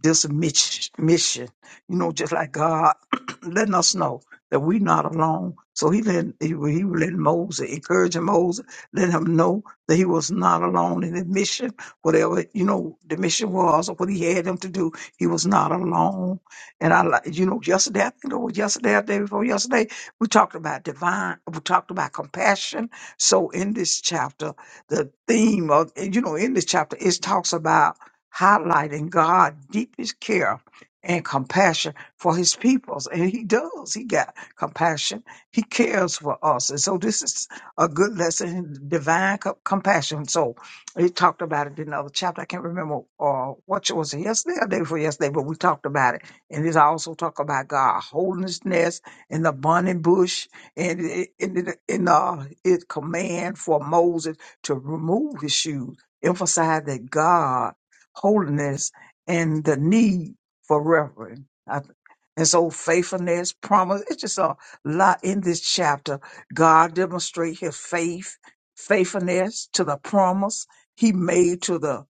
this mich- mission. You know, just like God letting us know that we're not alone. So he let he, he let Moses, encouraging Moses, let him know that he was not alone in the mission whatever you know the mission was or what he had them to do. He was not alone. And I, like you know, yesterday I think it was yesterday, or day before yesterday, we talked about divine. We talked about compassion. So in this chapter, the theme of you know in this chapter it talks about highlighting God's deepest care and compassion for His peoples, and He does. He got compassion. He cares for us, and so this is a good lesson in divine co- compassion. So he talked about it in another chapter. I can't remember uh, what it was yesterday or day before yesterday, but we talked about it. And this also talk about God holiness and the burning bush and it- and it- and, uh, it command for Moses to remove his shoes, emphasize that God holiness and the need for reverence. And so faithfulness, promise, it's just a lot in this chapter. God demonstrate his faith, faithfulness to the promise he made to the,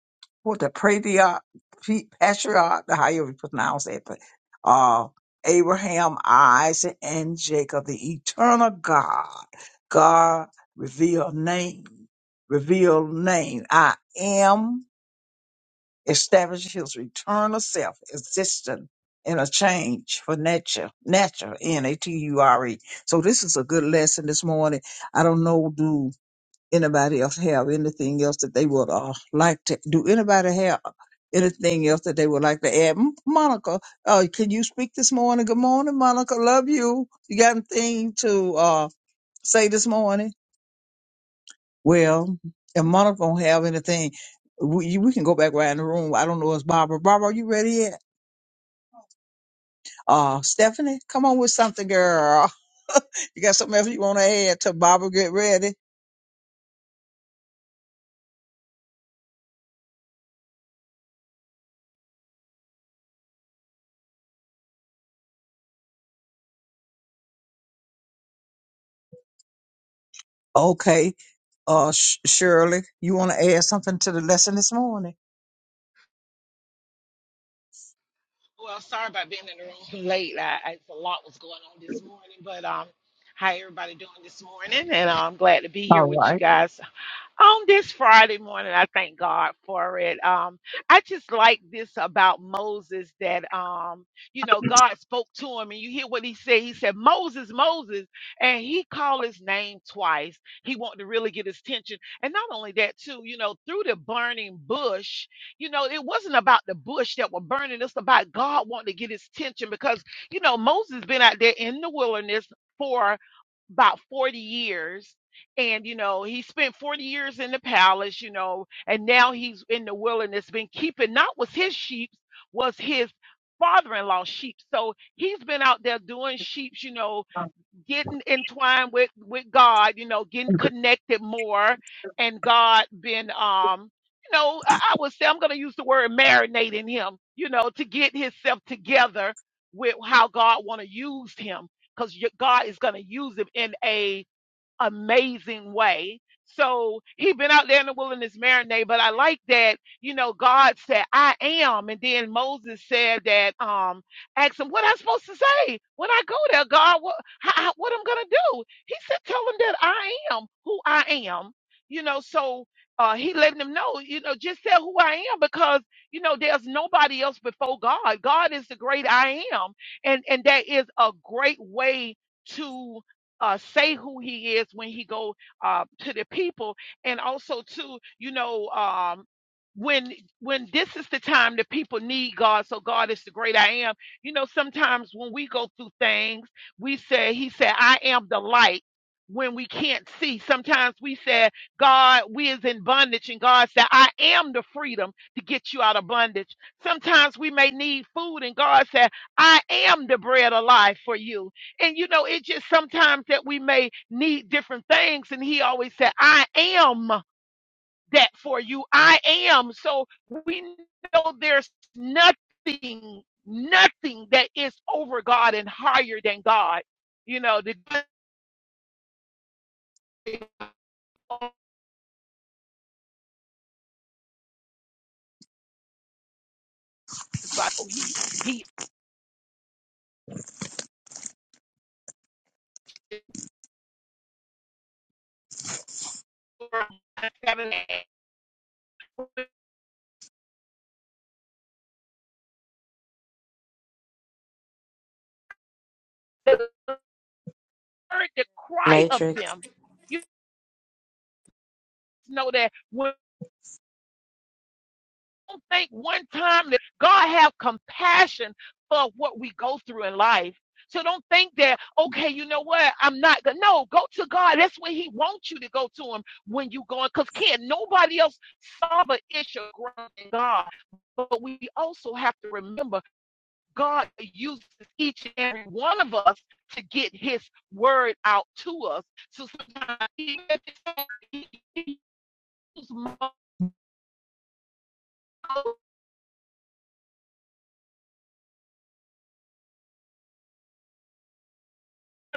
what, the patriarch, pe- patriarch, however you pronounce it, but, uh, Abraham, Isaac, and Jacob, the eternal God. God reveal name, reveal name. I am establish his return of self existent in a change for nature, nature, N A T U R E. So this is a good lesson this morning. I don't know, do anybody else have anything else that they would uh, like to, do anybody have anything else that they would like to add? M- Monica, uh, can you speak this morning? Good morning, Monica. Love you. You got anything to uh, say this morning? Well, if Monica don't have anything, we, we can go back around the room. I don't know. It's Barbara. Barbara, are you ready yet? Uh, Stephanie, come on with something, girl. you got something else you want to add to Barbara? Get ready. Okay. Uh, Sh- Shirley, you want to add something to the lesson this morning? Well, sorry about being in the room late. I, I, a lot was going on this morning, but um, how everybody doing this morning? And I'm glad to be All here with you right. guys on this Friday morning, I thank God for it. Um, I just like this about Moses that um, you know, God spoke to him, and you hear what he said. He said, Moses, Moses, and he called his name twice. He wanted to really get his attention. And not only that, too, you know, through the burning bush, you know, it wasn't about the bush that were burning, it's about God wanting to get his attention because you know, Moses been out there in the wilderness for about 40 years and you know he spent 40 years in the palace you know and now he's in the wilderness been keeping not was his sheep was his father-in-law sheep so he's been out there doing sheep you know getting entwined with with god you know getting connected more and god been um you know i, I would say i'm going to use the word marinating him you know to get himself together with how god want to use him because god is going to use him in a amazing way. So he'd been out there in the wilderness marinate, but I like that, you know, God said, I am. And then Moses said that, um, asked him, what am I supposed to say when I go there, God, what, how, what I'm going to do. He said, tell him that I am who I am, you know, so, uh, he letting them know, you know, just tell who I am because, you know, there's nobody else before God. God is the great I am. And, and that is a great way to uh, say who he is when he go uh, to the people and also too you know um, when when this is the time that people need god so god is the great i am you know sometimes when we go through things we say he said i am the light when we can't see sometimes we say god we is in bondage and god said i am the freedom to get you out of bondage sometimes we may need food and god said i am the bread of life for you and you know, it's just sometimes that we may need different things. And he always said, I am that for you. I am. So we know there's nothing, nothing that is over God and higher than God. You know, the devil is by oh, he he heard the cry of them. You know that when don't think one time that God have compassion for what we go through in life. So don't think that, okay, you know what? I'm not gonna no, go to God. That's where He wants you to go to Him when you are going. Because can't nobody else solve an issue greater than God. But we also have to remember God uses each and every one of us to get his word out to us. So sometimes even if it's he uses my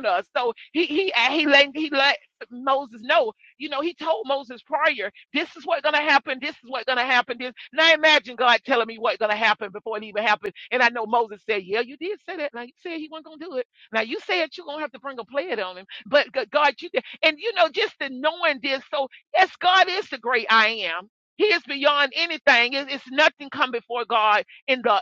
us. So he he he let he let Moses know. You know, he told Moses prior, this is what's gonna happen, this is what's gonna happen. This now imagine God telling me what's gonna happen before it even happened. And I know Moses said, Yeah, you did say that. Now you said he wasn't gonna do it. Now you said you're gonna have to bring a plague on him. But G- God, you did and you know, just the knowing this, so yes, God is the great I am. He is beyond anything. It's, it's nothing come before God in the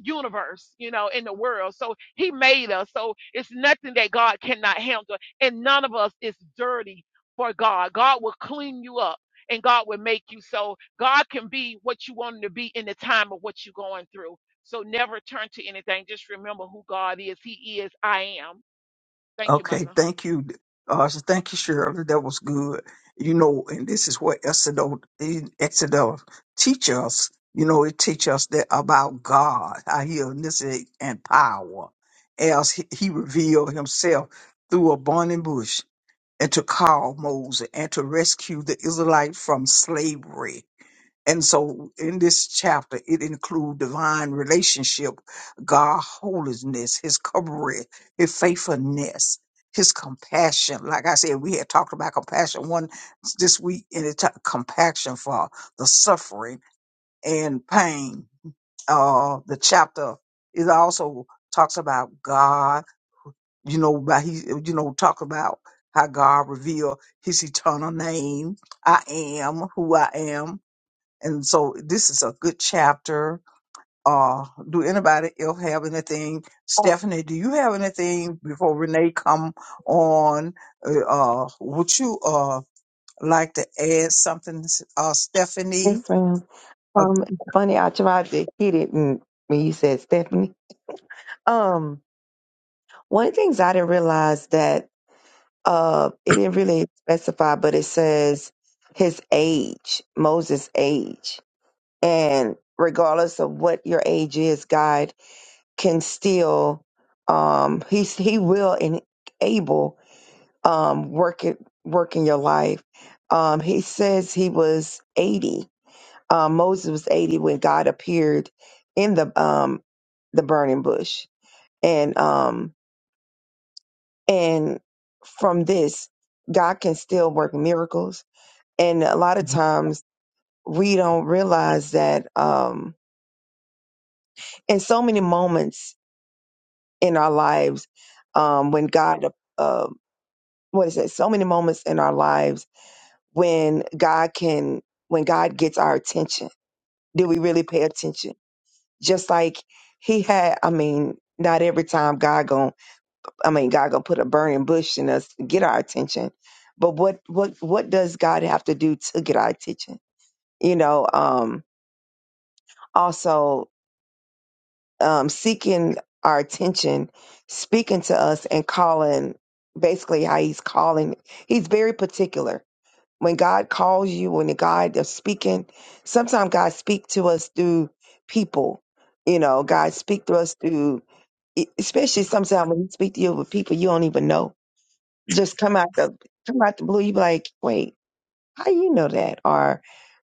universe, you know, in the world. So he made us. So it's nothing that God cannot handle. And none of us is dirty for God. God will clean you up and God will make you so God can be what you want him to be in the time of what you're going through. So never turn to anything. Just remember who God is. He is I am. Thank you, Mother. Okay, thank you, uh, thank you, Shirley. That was good. You know, and this is what Exodus, Exodus teach us. You know, it teach us that about God, how He initiate and power, as He, he revealed Himself through a burning bush, and to call Moses and to rescue the Israelites from slavery and so in this chapter, it includes divine relationship, God holiness, his covering, his faithfulness, his compassion. Like I said, we had talked about compassion one this week and it talked compassion for the suffering and pain. Uh the chapter it also talks about God, you know, about he you know, talk about how God revealed his eternal name. I am who I am and so this is a good chapter. Uh, do anybody else have anything? Stephanie, do you have anything before Renee come on? Uh, uh, would you uh like to add something, uh, Stephanie? Yes, ma'am. Uh, Um, it's funny, I tried to hit it when when you said Stephanie. Um, one of the things I didn't realize that uh, it didn't really specify, but it says his age, Moses' age, and regardless of what your age is, God can still, um, he he will and able, um, work it work in your life. Um, he says he was eighty Um, Moses was 80 when God appeared in the um, the burning bush, and um, and from this, God can still work miracles. And a lot of times we don't realize that um, in so many moments in our lives um, when God, uh, what is it? So many moments in our lives when God can, when God gets our attention. Do we really pay attention? just like he had i mean not every time god going i mean god gonna put a burning bush in us to get our attention but what what what does god have to do to get our attention you know um also um seeking our attention speaking to us and calling basically how he's calling he's very particular when god calls you when god is speaking sometimes god speak to us through people you know god speak to us through e- especially sometimes when you speak to you with people you don't even know, just come out the come out the blue. You be like, wait, how you know that or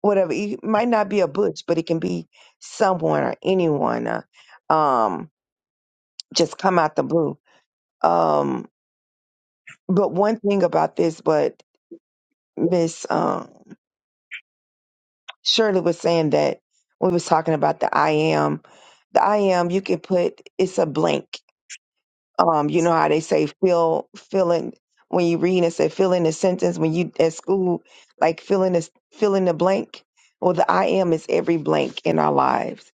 whatever. It might not be a butch, but it can be someone or anyone. Uh, um, just come out the blue. Um, but one thing about this, but Miss um, Shirley was saying that we was talking about the I am, the I am. You can put it's a blank um, you know how they say fill fill in when you read and say fill in the sentence when you at school like fill in this fill in the blank well the i am is every blank in our lives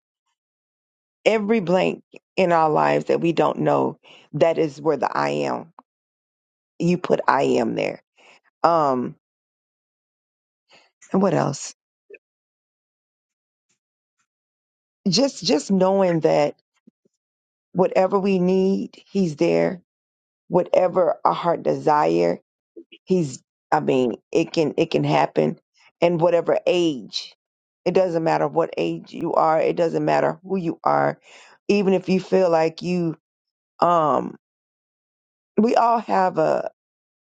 every blank in our lives that we don't know that is where the i am you put i am there um and what else just just knowing that whatever we need he's there whatever our heart desire he's i mean it can it can happen in whatever age it doesn't matter what age you are it doesn't matter who you are even if you feel like you um we all have a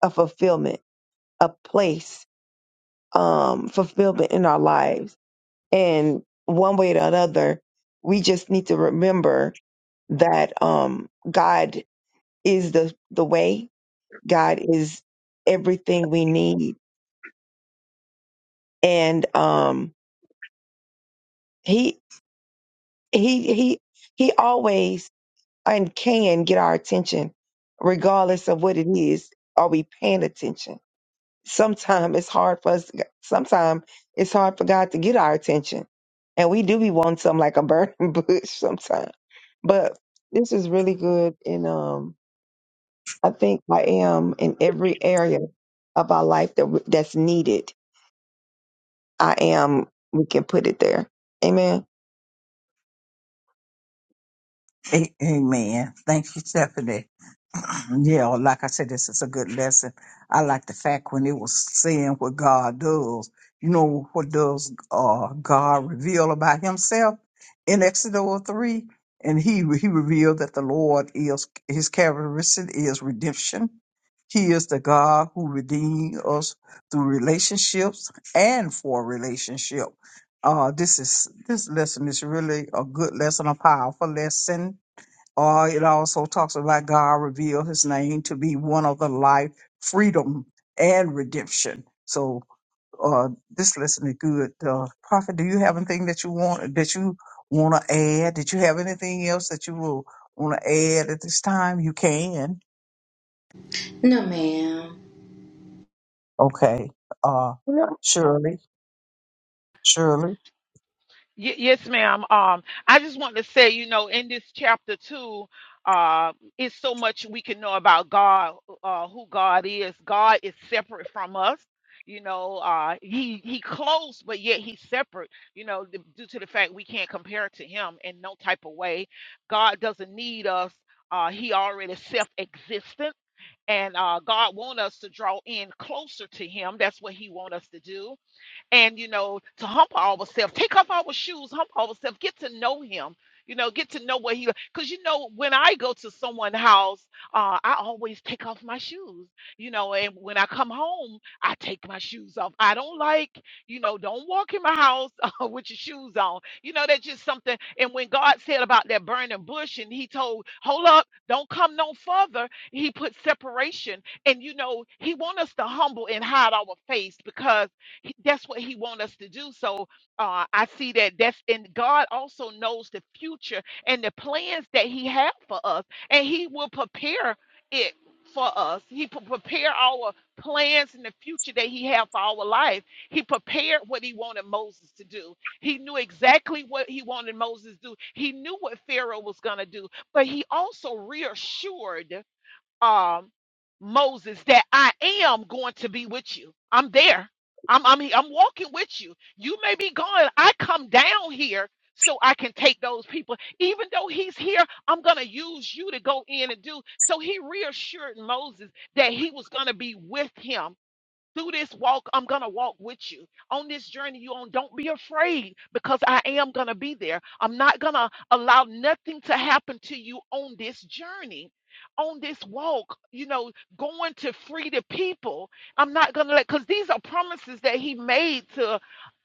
a fulfillment a place um fulfillment in our lives and one way or another we just need to remember that um god is the the way god is everything we need and um He. he he he always and can get our attention regardless of what it is are we paying attention sometimes it's hard for us sometimes it's hard for god to get our attention and we do be wanting something like a burning bush sometimes but this is really good and um i think i am in every area of our life that w- that's needed i am we can put it there amen a- amen. Thank you, Stephanie. Yeah, well, like I said, this is a good lesson. I like the fact when it was saying what God does. You know what does uh, God reveal about Himself in Exodus three, and He He revealed that the Lord is His characteristic is redemption. He is the God who redeems us through relationships and for relationship. Uh, this is this lesson is really a good lesson, a powerful lesson uh, it also talks about God revealed his name to be one of the life, freedom, and redemption. So uh, this lesson is good. Uh, Prophet, do you have anything that you want that you want to add? Did you have anything else that you will want to add at this time? You can. Okay. Uh, you know, Shirley, Shirley. Y- yes, ma'am. Um, I just want to say, you know, in this chapter two, uh, it's so much we can know about God, uh, who God is. God is separate from us. You know, uh, he he close, but yet he's separate. You know, d- due to the fact we can't compare to him in no type of way. God doesn't need us. Uh, he already self-existent, and uh, God want us to draw in closer to Him. That's what He want us to do and you know to hump ourselves, take off our shoes hump ourselves, get to know him you know get to know what he because you know when i go to someone's house uh, i always take off my shoes you know and when i come home i take my shoes off i don't like you know don't walk in my house uh, with your shoes on you know that's just something and when god said about that burning bush and he told hold up don't come no further he put separation and you know he want us to humble and hide our face because he- That's what he wants us to do. So uh, I see that that's and God also knows the future and the plans that he have for us, and he will prepare it for us. He pre- prepare our plans in the future that he have for our life. He prepared what he wanted Moses to do. He knew exactly what he wanted Moses to do. He knew what Pharaoh was going to do, but he also reassured um Moses that I am going to be with you. I'm there. I'm I'm I'm walking with you. You may be gone. I come down here so I can take those people. Even though he's here, I'm going to use you to go in and do. So he reassured Moses that he was going to be with him through this walk, I'm gonna walk with you. On this journey you on, don't be afraid because I am gonna be there. I'm not gonna allow nothing to happen to you on this journey, on this walk, you know, going to free the people. I'm not gonna let because these are promises that he made to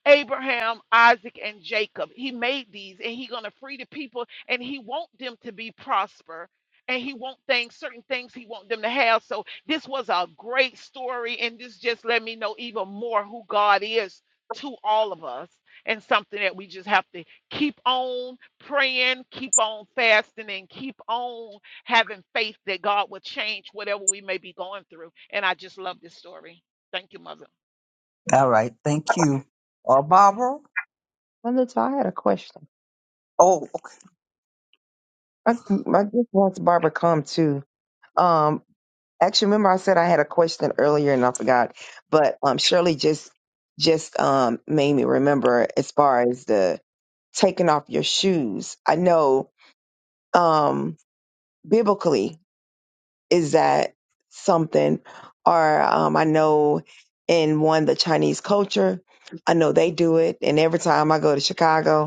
Abraham, Isaac, and Jacob. He made these and he's gonna free the people and he want them to be prosper. And he want things, certain things he want them to have. So this was a great story, and this just let me know even more who God is to all of us, and something that we just have to keep on praying, keep on fasting, and keep on having faith that God will change whatever we may be going through. And I just love this story. Thank you, Mother. All right. Thank you. Uh, Barbara. Brother i had a question Oh, okay. I, I just watched Barbara come too. Um, actually, remember I said I had a question earlier and I forgot, but um, Shirley just just um made me remember as far as the taking off your shoes. I know um biblically is that something, or um, I know in one the Chinese culture, I know they do it, and every time I go to Chicago.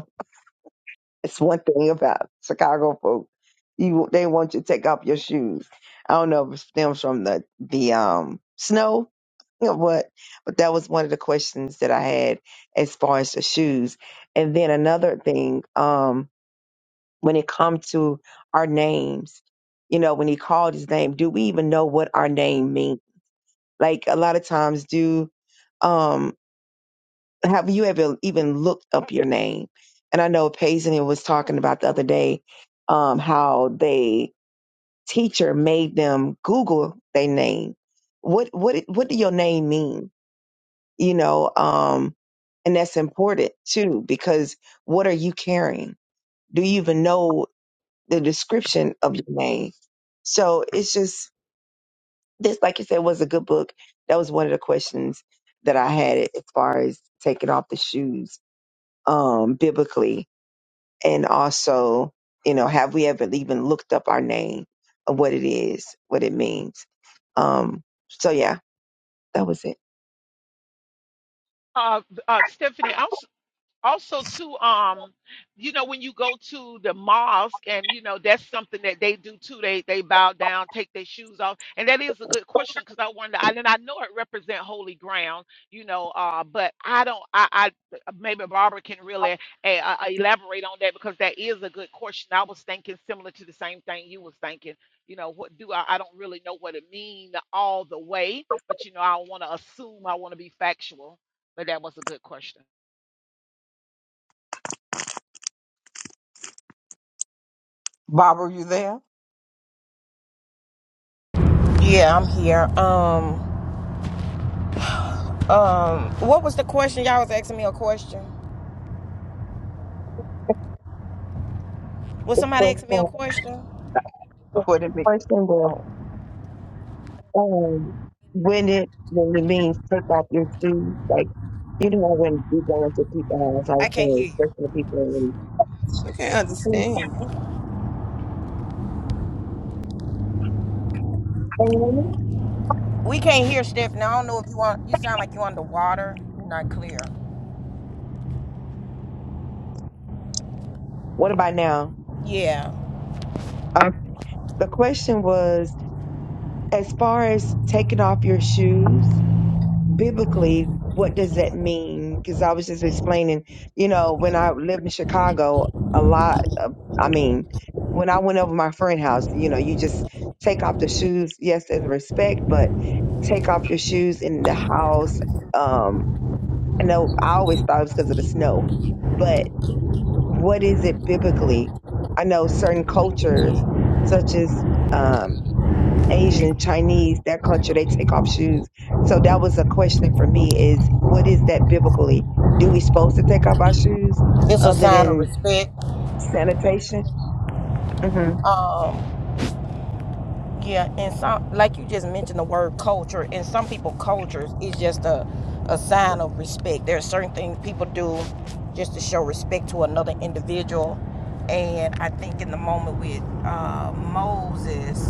It's one thing about Chicago folk. You they want you to take off your shoes. I don't know if it stems from the the um snow or what, but that was one of the questions that I had as far as the shoes. And then another thing, um, when it comes to our names, you know, when he called his name, do we even know what our name means? Like a lot of times do um have you ever even looked up your name? And I know Paisley was talking about the other day um, how they teacher made them Google their name. What what what do your name mean? You know, um, and that's important too because what are you carrying? Do you even know the description of your name? So it's just this, like you said, was a good book. That was one of the questions that I had as far as taking off the shoes um biblically and also, you know, have we ever even looked up our name of what it is, what it means? Um, so yeah, that was it. Uh, uh, Stephanie, I'm also too um you know when you go to the mosque and you know that's something that they do too they they bow down take their shoes off and that is a good question because i wonder I, and i know it represent holy ground you know uh but i don't i i maybe barbara can really uh, uh, elaborate on that because that is a good question i was thinking similar to the same thing you was thinking you know what do i i don't really know what it means all the way but you know i don't want to assume i want to be factual but that was a good question Barbara, you there? Yeah, I'm here. Um, what was the question? Y'all was asking me a question. Was The somebody first asking me a one, question? the What did it? first one was Oh, um, when it when it means take off your shoes, like you know when you go into people's house, I I can't say hear first you. of people. I can't and, understand. We can't hear Stephanie. I don't know if you want. You sound like you are underwater. You're not clear. What about now? Yeah, Uh, the question was as far as taking off your shoes biblically, what does that mean? Because I was just explaining, you know, when I lived in Chicago, a lot of, I mean, when I went over my friend's house, you know, you just take off the shoes, yes, as respect, but take off your shoes in the house. Um, I know I always thought it was because of the snow, but what is it biblically? I know certain cultures, such as um, Asian, Chinese, that culture, they take off shoes. So that was a question for me is what is that biblically? Do we supposed to take off our shoes it's a other sign of than respect. sanitation? Mm-hmm. Um, Yeah, and some like you just mentioned the word culture, and some people cultures is just a a sign of respect. There are certain things people do just to show respect to another individual, and I think in the moment with uh, Moses,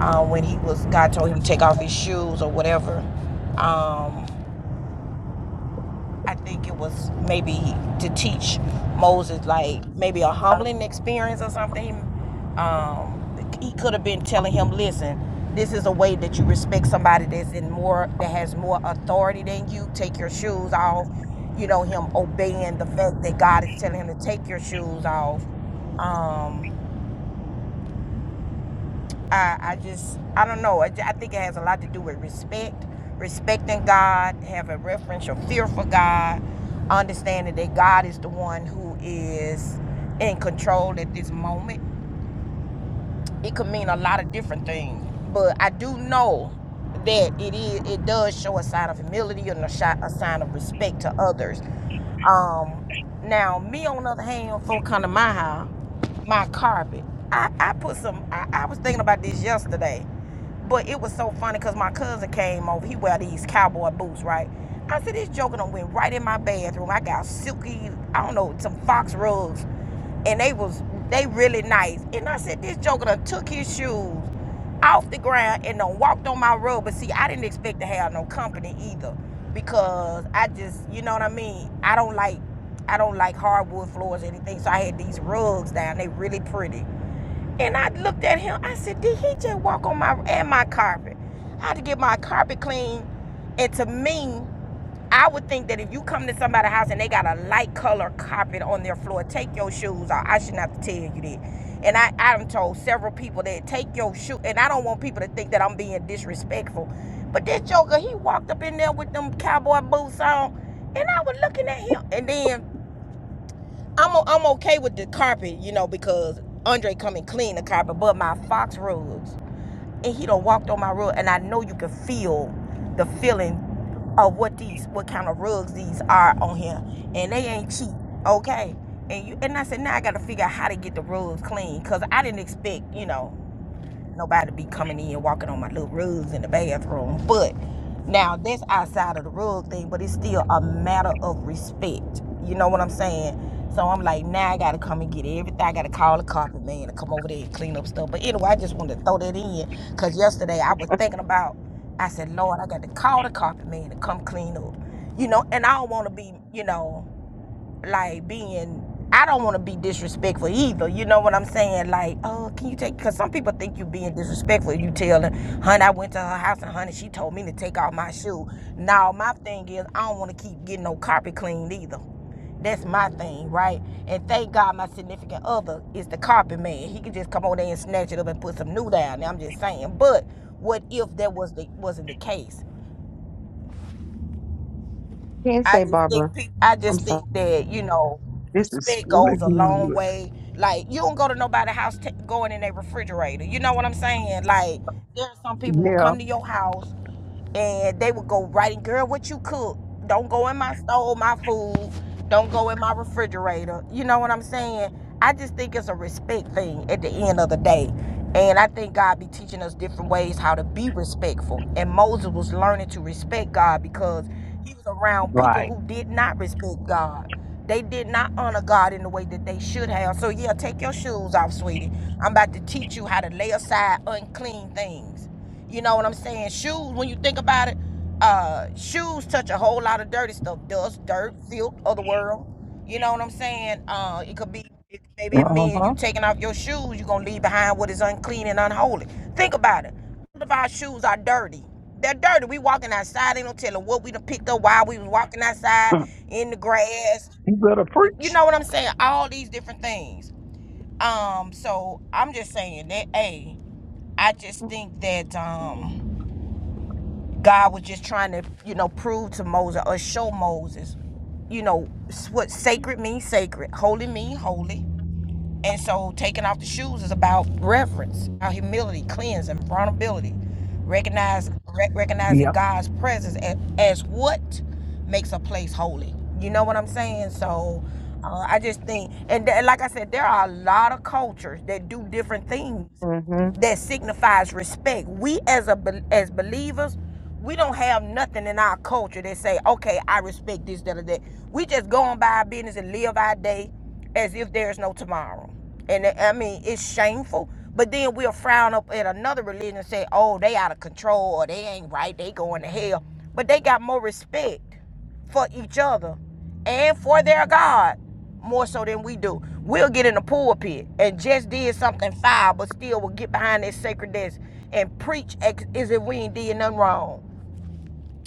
uh, when he was God told him to take off his shoes or whatever, um, I think it was maybe to teach Moses like maybe a humbling experience or something. Um, he could have been telling him, "Listen, this is a way that you respect somebody that's in more that has more authority than you. Take your shoes off." You know him obeying the fact that God is telling him to take your shoes off. Um, I, I just, I don't know. I, I think it has a lot to do with respect, respecting God, having reverence or fear for God, understanding that God is the one who is in control at this moment it could mean a lot of different things. But I do know that it is it does show a sign of humility and a, shi- a sign of respect to others. Um, now me on the other hand, for come to my house, my carpet. I, I put some. I, I was thinking about this yesterday, but it was so funny because my cousin came over. He wear these cowboy boots, right? I said this joker done went right in my bathroom. I got silky. I don't know some fox rugs and they was they really nice. And I said, this joker done took his shoes off the ground and done walked on my road. But see, I didn't expect to have no company either, because I just, you know what I mean. I don't like, I don't like hardwood floors or anything. So I had these rugs down. They really pretty. And I looked at him. I said, "Did he just walk on my and my carpet?" I had to get my carpet clean. And to me, I would think that if you come to somebody's house and they got a light color carpet on their floor, take your shoes off. I shouldn't have to tell you that. And I, I've told several people that take your shoe. And I don't want people to think that I'm being disrespectful. But this joker, he walked up in there with them cowboy boots on, and I was looking at him. And then I'm i I'm okay with the carpet, you know, because Andre come and clean the carpet, but my fox rugs, and he done walked on my rug, and I know you can feel the feeling of what these, what kind of rugs these are on here, and they ain't cheap, okay? And you and I said now I got to figure out how to get the rugs clean, cause I didn't expect, you know, nobody be coming in walking on my little rugs in the bathroom. But now that's outside of the rug thing, but it's still a matter of respect. You know what I'm saying? So I'm like, now I gotta come and get everything. I gotta call the carpet man to come over there and clean up stuff. But anyway, I just wanted to throw that in because yesterday I was thinking about. I said, Lord, I got to call the carpet man to come clean up. You know, and I don't want to be, you know like being I don't want to be disrespectful either. You know what I'm saying? Like, oh, can you take? Because some people think you being disrespectful. You tell her, honey, I went to her house and honey, she told me to take off my shoe. Now my thing is, I don't want to keep getting no carpet cleaned either. That's my thing, right? And thank God my significant other is the carpet man. He could just come over there and snatch it up and put some new down. I'm just saying. But what if that was the wasn't the case? Can I say, just think Barbara, pe- I I'm just sorry. think that you know this is respect really goes a long good. way. Like you don't go to nobody's house t- going in their refrigerator. You know what I'm saying? Like there are some people will Yeah. come to your house and they would go right in, girl, what you cook? Don't go in my stove, my food. Don't go in my refrigerator. You know what I'm saying? I just think it's a respect thing at the end of the day. And I think God be teaching us different ways how to be respectful. And Moses was learning to respect God because he was around people Right. who did not respect God. They did not honor God in the way that they should have. So yeah, take your shoes off, sweetie. I'm about to teach you how to lay aside unclean things. You know what I'm saying? Shoes, when you think about it, uh, shoes touch a whole lot of dirty stuff. Dust, dirt, filth, other world. You know what I'm saying? Uh, it could be it, maybe it Uh means you huh. taking off your shoes, you're gonna leave behind what is unclean and unholy. Think about it. All of our shoes are dirty. They're dirty. We walking outside. They don't tell them what we done picked up while we was walking outside in the grass. You better You preach. know what I'm saying? All these different things. Um, so I'm just saying that. Hey, I just think that um, God was just trying to, you know, prove to Moses or show Moses, you know, what sacred means sacred, holy means holy. And so taking off the shoes is about reverence, about humility, cleansing, vulnerability. Recognize, rec- recognizing Yep. God's presence as, as what makes a place holy. You know what I'm saying? So uh, I just think, and th- like I said, there are a lot of cultures that do different things Mm-hmm. that signifies respect. We as a as believers, we don't have nothing in our culture that say, "Okay, I respect this, that, or that." We just go on by our business and live our day as if there's no tomorrow. And I mean, it's shameful. But then we'll frown up at another religion and say, "Oh, they out of control, or they ain't right. They going to hell." But they got more respect for each other and for their God more so than we do. We'll get in the pulpit and just did something foul, but still will get behind that sacred desk and preach as if we ain't did nothing wrong.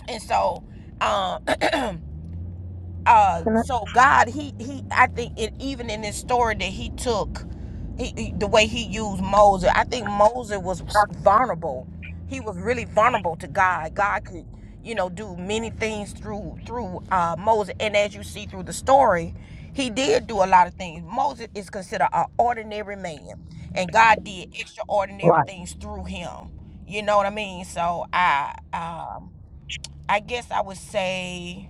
And so, um, uh Can so god he he i think it even in this story that he took he, he- the way he used moses i think moses was vulnerable he was really vulnerable to god god could you know do many things through through uh moses and as you see through the story he did do a lot of things moses is considered an ordinary man and god did extraordinary Right. things through him you know what i mean so i um i guess i would say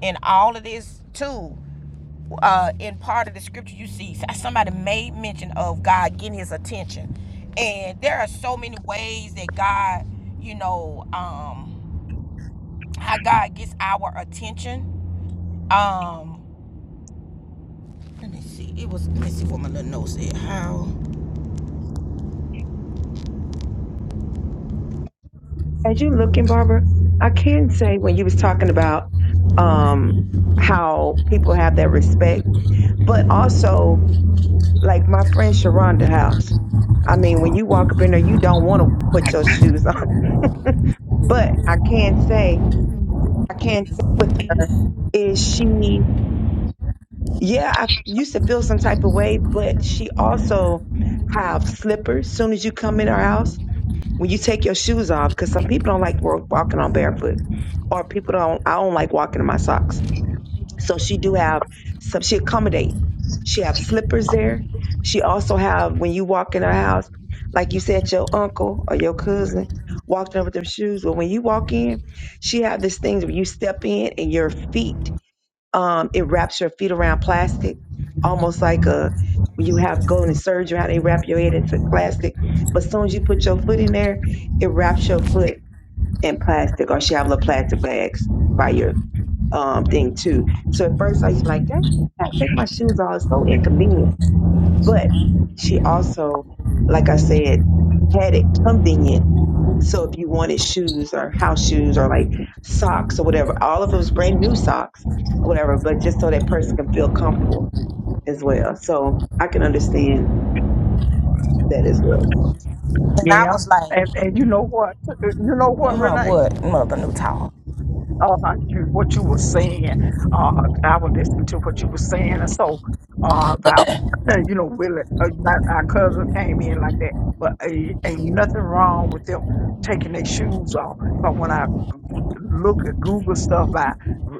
in all of this too uh in part of the scripture you see somebody made mention of god getting his attention and there are so many ways that god you know um how god gets our attention um let me see it was let me see what my little note said how I, as you looking, Barbara, I can say when you was talking about um, how people have that respect, but also like my friend Sharonda House. I mean, when you walk up in there, you don't want to put your shoes on But I can say, I can say with her is she, yeah, I used to feel some type of way, but she also have slippers. Soon as you come in our house, when you take your shoes off, because some people don't like wa- walking on barefoot, or people don't. I don't like walking in my socks. So she do have some. She accommodate. She have slippers there. She also have when you walk in her house, like you said, your uncle or your cousin walked in with them shoes. But when you walk in, she have this thing where you step in and your feet, um, it wraps your feet around plastic, almost like a when you have go into surgery how they wrap your head into plastic. But as soon as you put your foot in there, it wraps your foot in plastic, or she have little plastic bags by your um thing too. So at first I was like, "Dang, I gotta take my shoes off. It's so inconvenient. But she also, like I said, had it convenient. So if you wanted shoes or house shoes or like socks or whatever, all of it was brand new socks or whatever, but just so that person can feel comfortable as well. So I can understand that as well. and i Yeah. was like And and you know what? Uh, You know what, uh-huh Renee? what mother new talk Oh, my, you, what you were saying, uh, I was listening to what you were saying, and so uh, about uh, you know, Willie, uh, not our cousin came in like that, but a, ain't nothing wrong with them taking their shoes off. But when I look at Google stuff by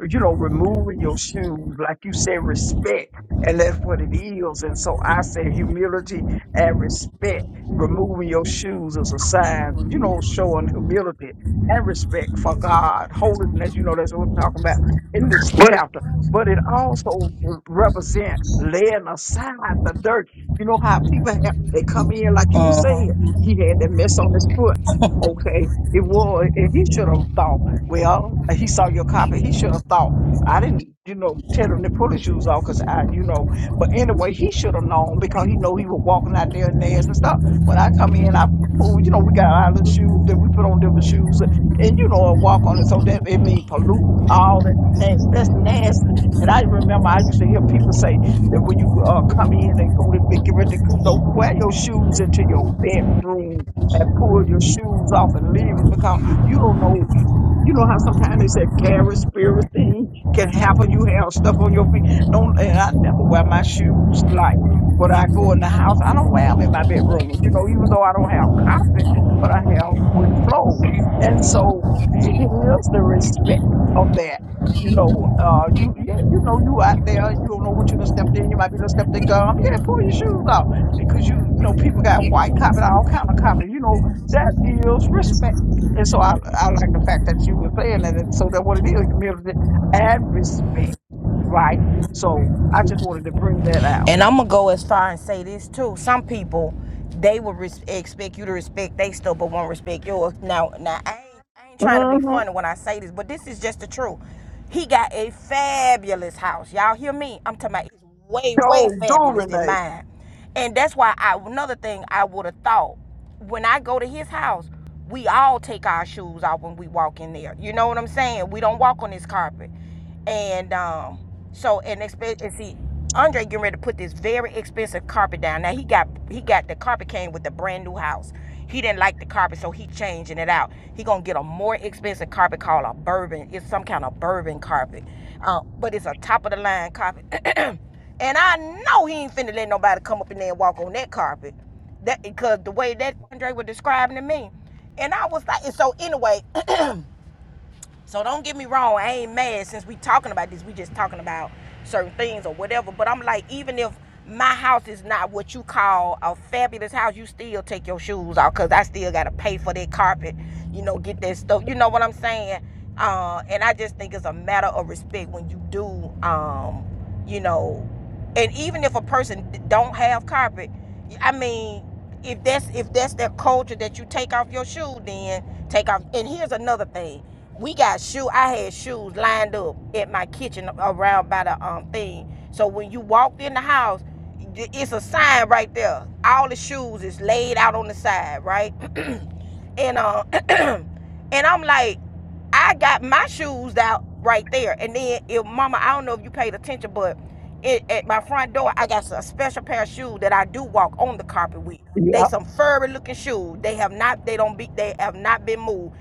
you know removing your shoes, like you said, respect, and that's what it is. And so I say humility and respect. Removing your shoes is a sign, you know, showing humility and respect for God, holiness. You know, that's what we're talking about in this chapter. But it also represent laying aside the dirt. You know how people have they come in like you were uh-huh saying. He had that mess on his foot. Okay, it was. And he should have thought. Well, he saw your copy. He should have thought. I didn't, you know, tell him to pull his shoes off because I, you know. But anyway, he should have known because he know he was walking out there in nasty stuff. When I come in, I pull. You know, we got our little I'm shoes that we put on different shoes and you know, it walk on it. So that it mean pollute all that. Na- that's nasty. And I remember I used to hear people say that when you uh, come in and go to bed, get ready to don't wear your shoes into your bedroom and pull your shoes off and leave them because you don't know. You you know how sometimes they say carrot thing can happen. You have stuff on your feet. Don't and I never wear my shoes like when I go in the house. I don't wear them in my bedroom. You know, even though I don't have carpet, but I have wooden floors. gonna And make so you it mine. is the respect of that. You know, uh, you yeah, you know, you out there, you don't know what you're stepped in. You might be going stepped in gum. Yeah, pull your shoes off because you know people got white copy, all kind of copy. You know that is respect. And so I, I like the fact that you were saying that. And so that what it is, humility and respect, right? So I just Thank you. wanted to bring that out. And I'm gonna go as far and say this too. Some people, they will res- expect you to respect they stuff, but won't respect yours. Now, now I ain't, I ain't trying to be Mm-hmm. funny when I say this, but this is just the truth. He got a fabulous house. Y'all hear me? I'm talking about it's way, way So do fabulous than Renee. mine. And that's why I another thing I would have thought when I go to his house, we all take our shoes off when we walk in there. You know what I'm saying? We don't walk on this carpet. And um so and expect and see Andre getting ready to put this very expensive carpet down. Now he got he got the carpet came with the brand new house. He didn't like the carpet, so he changing it out. He gonna get a more expensive carpet called a bourbon. It's some kind of bourbon carpet, uh, but it's a top of the line carpet. and I know he ain't finna let nobody come up in there and walk on that carpet. That because the way that Andre was describing to me, and I was like, so anyway, so don't get me wrong, I ain't mad since we talking about this. We just talking about certain things or whatever. But I'm like, even if my house is not what you call a fabulous house, you still take your shoes off because I still gotta pay for that carpet, you know, get that stuff. You know what I'm saying? Uh, and I just think it's a matter of respect when you do, um, you know, and even if a person don't have carpet i mean if that's if that's their culture that you take off your shoe then take off and here's another thing we got shoe i had shoes lined up at my kitchen around by the um thing so when you walked in the house it's a sign right there all the shoes is laid out on the side right and uh, and I'm like, I got my shoes out right there, and then if Mama, I don't know if you paid attention, but it, at my front door, I got a special pair of shoes that I do walk on the carpet with. They Yeah. some furry looking shoes. They have not, they don't be, they have not been moved.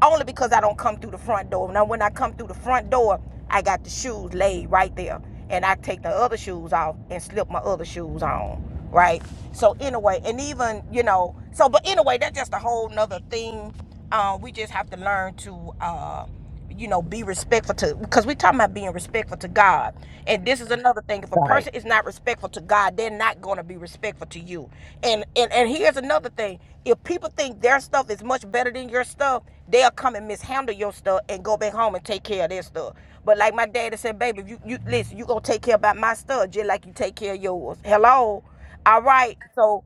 Only because I don't come through the front door. Now, when I come through the front door, I got the shoes laid right there. And I take the other shoes off and slip my other shoes on. Right? So, anyway, and even, you know, so, but anyway, that's just a whole nother thing. Um, we just have to learn to. Uh, you know, be respectful to because we're talking about being respectful to God. And this is another thing. If a person is not respectful to God, they're not gonna be respectful to you. And and, and here's another thing. If people think their stuff is much better than your stuff, they'll come and mishandle your stuff and go back home and take care of their stuff. But like my daddy said, baby, if you, you listen, you gonna take care about my stuff just like you take care of yours. Hello? All right. So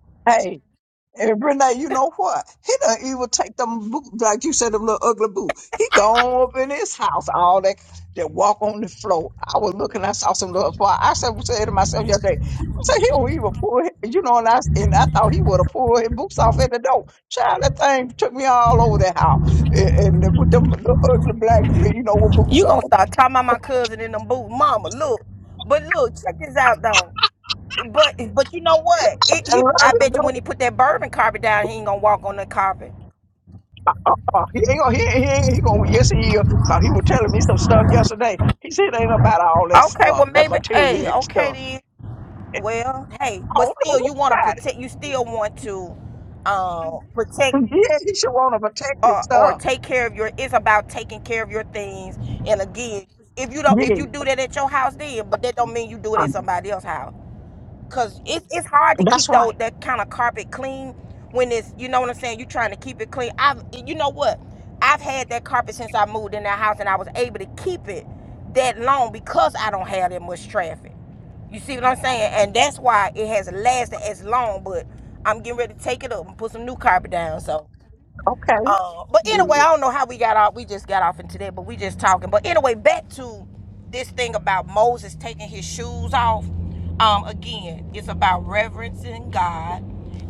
And Renee, you know what? He done even take them boot, like you said, them little ugly boot. He gone up in his house, all that, that walk on the floor. I was looking, I saw some little fly. I said, said to myself the other day, I said, he don't even pull, his, you know, and I, and I thought he would have pulled his boots off at the door. Child, that thing took me all over the house. And, and with them little ugly black, you know, with boots You gonna on. start talking about my cousin in them boots, mama? Look, but look, check this out though. But but you know what? It, I he, love I bet it. you when he put that bourbon carpet down, he ain't gonna walk on the carpet. Oh, he ain't gonna, he, ain't- he, ain't- he gonna, yes, he is. Cause he was telling me some stuff yesterday. He said it ain't about all that Okay, stuff, well that maybe. Hey, material okay stuff. then. Well, hey, I but don't know still, who you want to about protect. You still want to um, protect it. Yeah, he should want to protect his or, or stuff. take care of your. It's about taking care of your things. And again, if you don't, if Yeah, you do that at your house, then, but that don't mean you do it at um, somebody else's house. Cause it's it's hard to that's keep though right. that kind of carpet clean when it's you know what I'm saying. You trying to keep it clean. I've you know what? I've had that carpet since I moved in that house, and I was able to keep it that long because I don't have that much traffic. You see what I'm saying? And that's why it has lasted as long. But I'm getting ready to take it up and put some new carpet down. So. Okay, Uh, but anyway, I good. don't know how we got off. We just got off into that, but we just talking. But anyway, back to this thing about Moses taking his shoes off. Um, again, it's about reverencing God,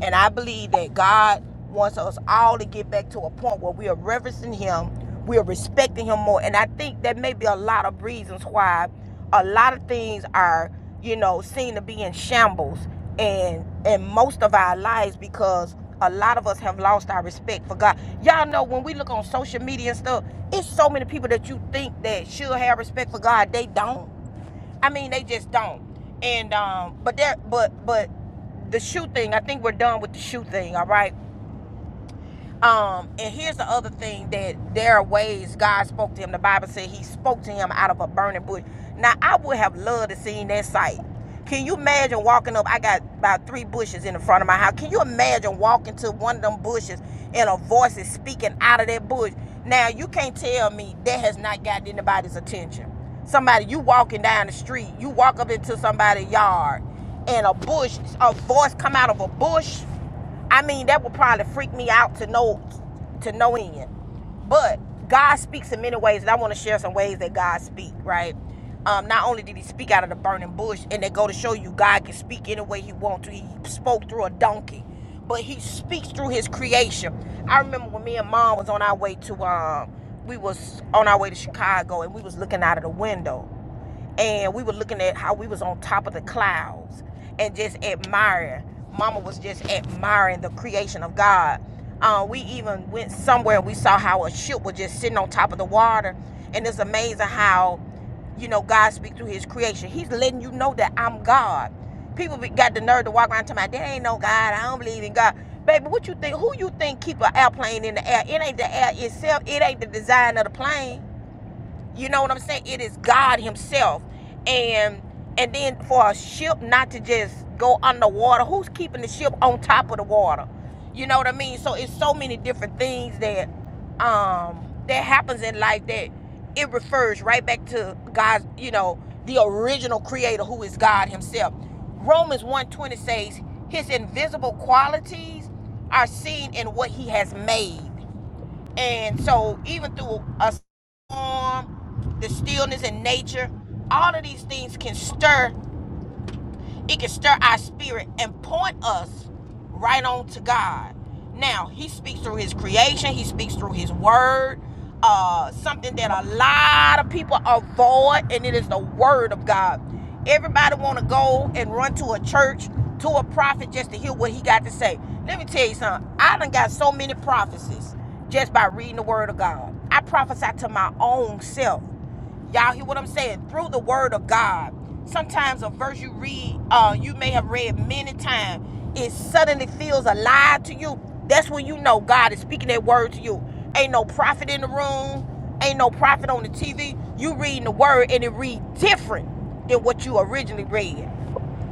and I believe that God wants us all to get back to a point where we are reverencing Him, we are respecting Him more, and I think that may be a lot of reasons why a lot of things are, you know, seen to be in shambles and and most of our lives because a lot of us have lost our respect for God. Y'all know when we look on social media and stuff, it's so many people that you think that should have respect for God, they don't. I mean, they just don't. And um, but that, but but the shoe thing, I think we're done with the shoe thing. All right. Um, and here's the other thing that there are ways God spoke to him. The Bible said he spoke to him out of a burning bush. Now I would have loved to seen that sight. Can you imagine walking up? I got about three bushes in the front of my house. Can you imagine walking to one of them bushes and a voice is speaking out of that bush? Now you can't tell me that has not gotten anybody's attention. Somebody you walking down the street, you walk up into somebody's yard, and a bush, a voice come out of a bush. I mean, that would probably freak me out to no to no end. But God speaks in many ways, and I want to share some ways that God speak. Right? Um, not only did He speak out of the burning bush, and they go to show you God can speak any way He wants to. He spoke through a donkey, but He speaks through His creation. I remember when me and Mom was on our way to um, we was on our way to Chicago, and we was looking out of the window and we were looking at how we was on top of the clouds and just admiring. Mama was just admiring the creation of God. Uh, we even went somewhere and we saw how a ship was just sitting on top of the water, and it's amazing how, you know, God speaks through His creation. He's letting you know that I'm God. People got the nerve to walk around and tell me there ain't no God. I don't believe in God. Baby, what you think? Who you think keep an airplane in the air? It ain't the air itself. It ain't the design of the plane. You know what I'm saying? It is God Himself. And and then for a ship not to just go underwater, who's keeping the ship on top of the water? You know what I mean? So it's so many different things that um that happens in life that it refers right back to God's, you know, the original creator who is God Himself. Romans 1:20 says, His invisible qualities are seen in what He has made and so, even through a storm, the stillness in nature, all of these things can stir it can stir our spirit and point us right on to God. Now, He speaks through His creation, He speaks through His word, uh, something that a lot of people avoid, and it is the word of God. Everybody want to go and run to a church, to a prophet, just to hear what he got to say. Let me tell you something. I done got so many prophecies just by reading the word of God. I prophesy to my own self. Y'all hear what I'm saying? Through the word of God. Sometimes a verse you read, uh, you may have read many times, it suddenly feels alive to you. That's when you know God is speaking that word to you. Ain't no prophet in the room, ain't no prophet on the TV. You reading the word and it read different than what you originally read.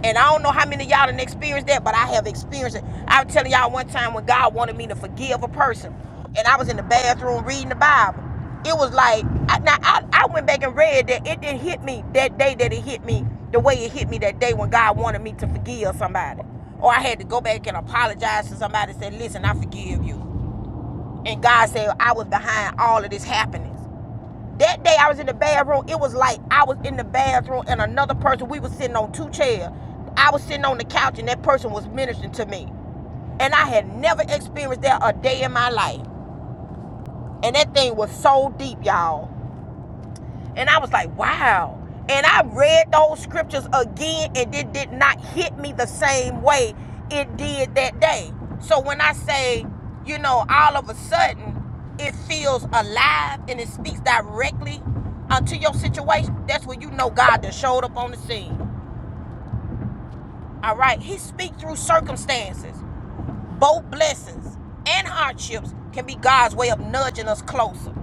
And I don't know how many of y'all done experienced that, but I have experienced it. I was telling y'all one time when God wanted me to forgive a person, and I was in the bathroom reading the Bible. It was like, I, now I, I went back and read that it didn't hit me that day that it hit me the way it hit me that day when God wanted me to forgive somebody. Or I had to go back and apologize to somebody and say, listen, I forgive you. And God said, I was behind all of this happening. That day I was in the bathroom, it was like I was in the bathroom and another person, we was sitting on two chairs. I was sitting on the couch and that person was ministering to me. And I had never experienced that a day in my life. And that thing was so deep, y'all. And I was like, wow. And I read those scriptures again, and it did not hit me the same way it did that day. So when I say, you know, all of a sudden, it feels alive and it speaks directly uh, to your situation, that's when you know God that showed up on the scene. All right? He speaks through circumstances. Both blessings and hardships can be God's way of nudging us closer.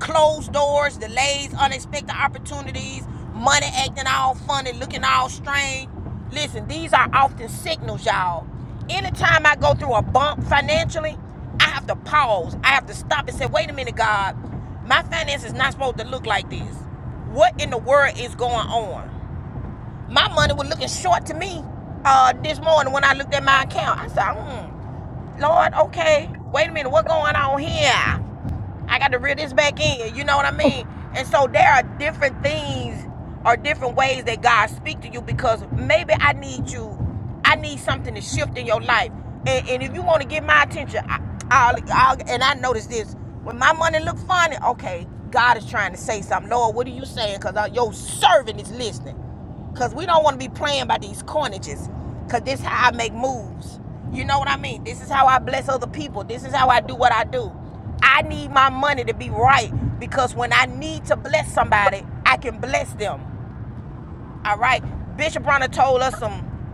Closed doors, delays, unexpected opportunities, money acting all funny, looking all strange. Listen, these are often signals, y'all. Anytime I go through a bump financially, I have to pause. I have to stop and say, wait a minute, God, my finances is not supposed to look like this. What in the world is going on? My money was looking short to me uh, this morning when I looked at my account. I said, hmm, Lord, okay, wait a minute, what's going on here? I got to reel this back in. You know what I mean? And so there are different things or different ways that God speak to you because maybe I need you, I need something to shift in your life. And, and if you want to get my attention, I, I'll, I'll, and I notice this when my money look funny. Okay, God is trying to say something. Lord, what are you saying? Because your servant is listening. Because we don't want to be playing by these coinages. Because this is how I make moves. You know what I mean? This is how I bless other people. This is how I do what I do. I need my money to be right because when I need to bless somebody, I can bless them. All right. Bishop Bronner told us some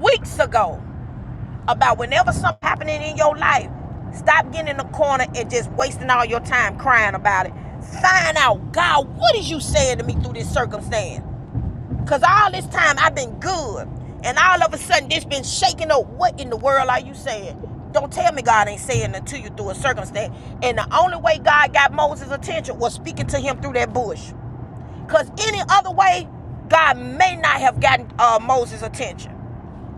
weeks ago about whenever something happening in your life, stop getting in the corner and just wasting all your time crying about it. Find out, God, what is you saying to me through this circumstance? Cause all this time I've been good, and all of a sudden this been shaking up. What in the world are you saying? Don't tell me God ain't saying it to you through a circumstance. And the only way God got Moses' attention was speaking to him through that bush. Cause any other way, God may not have gotten uh, Moses' attention.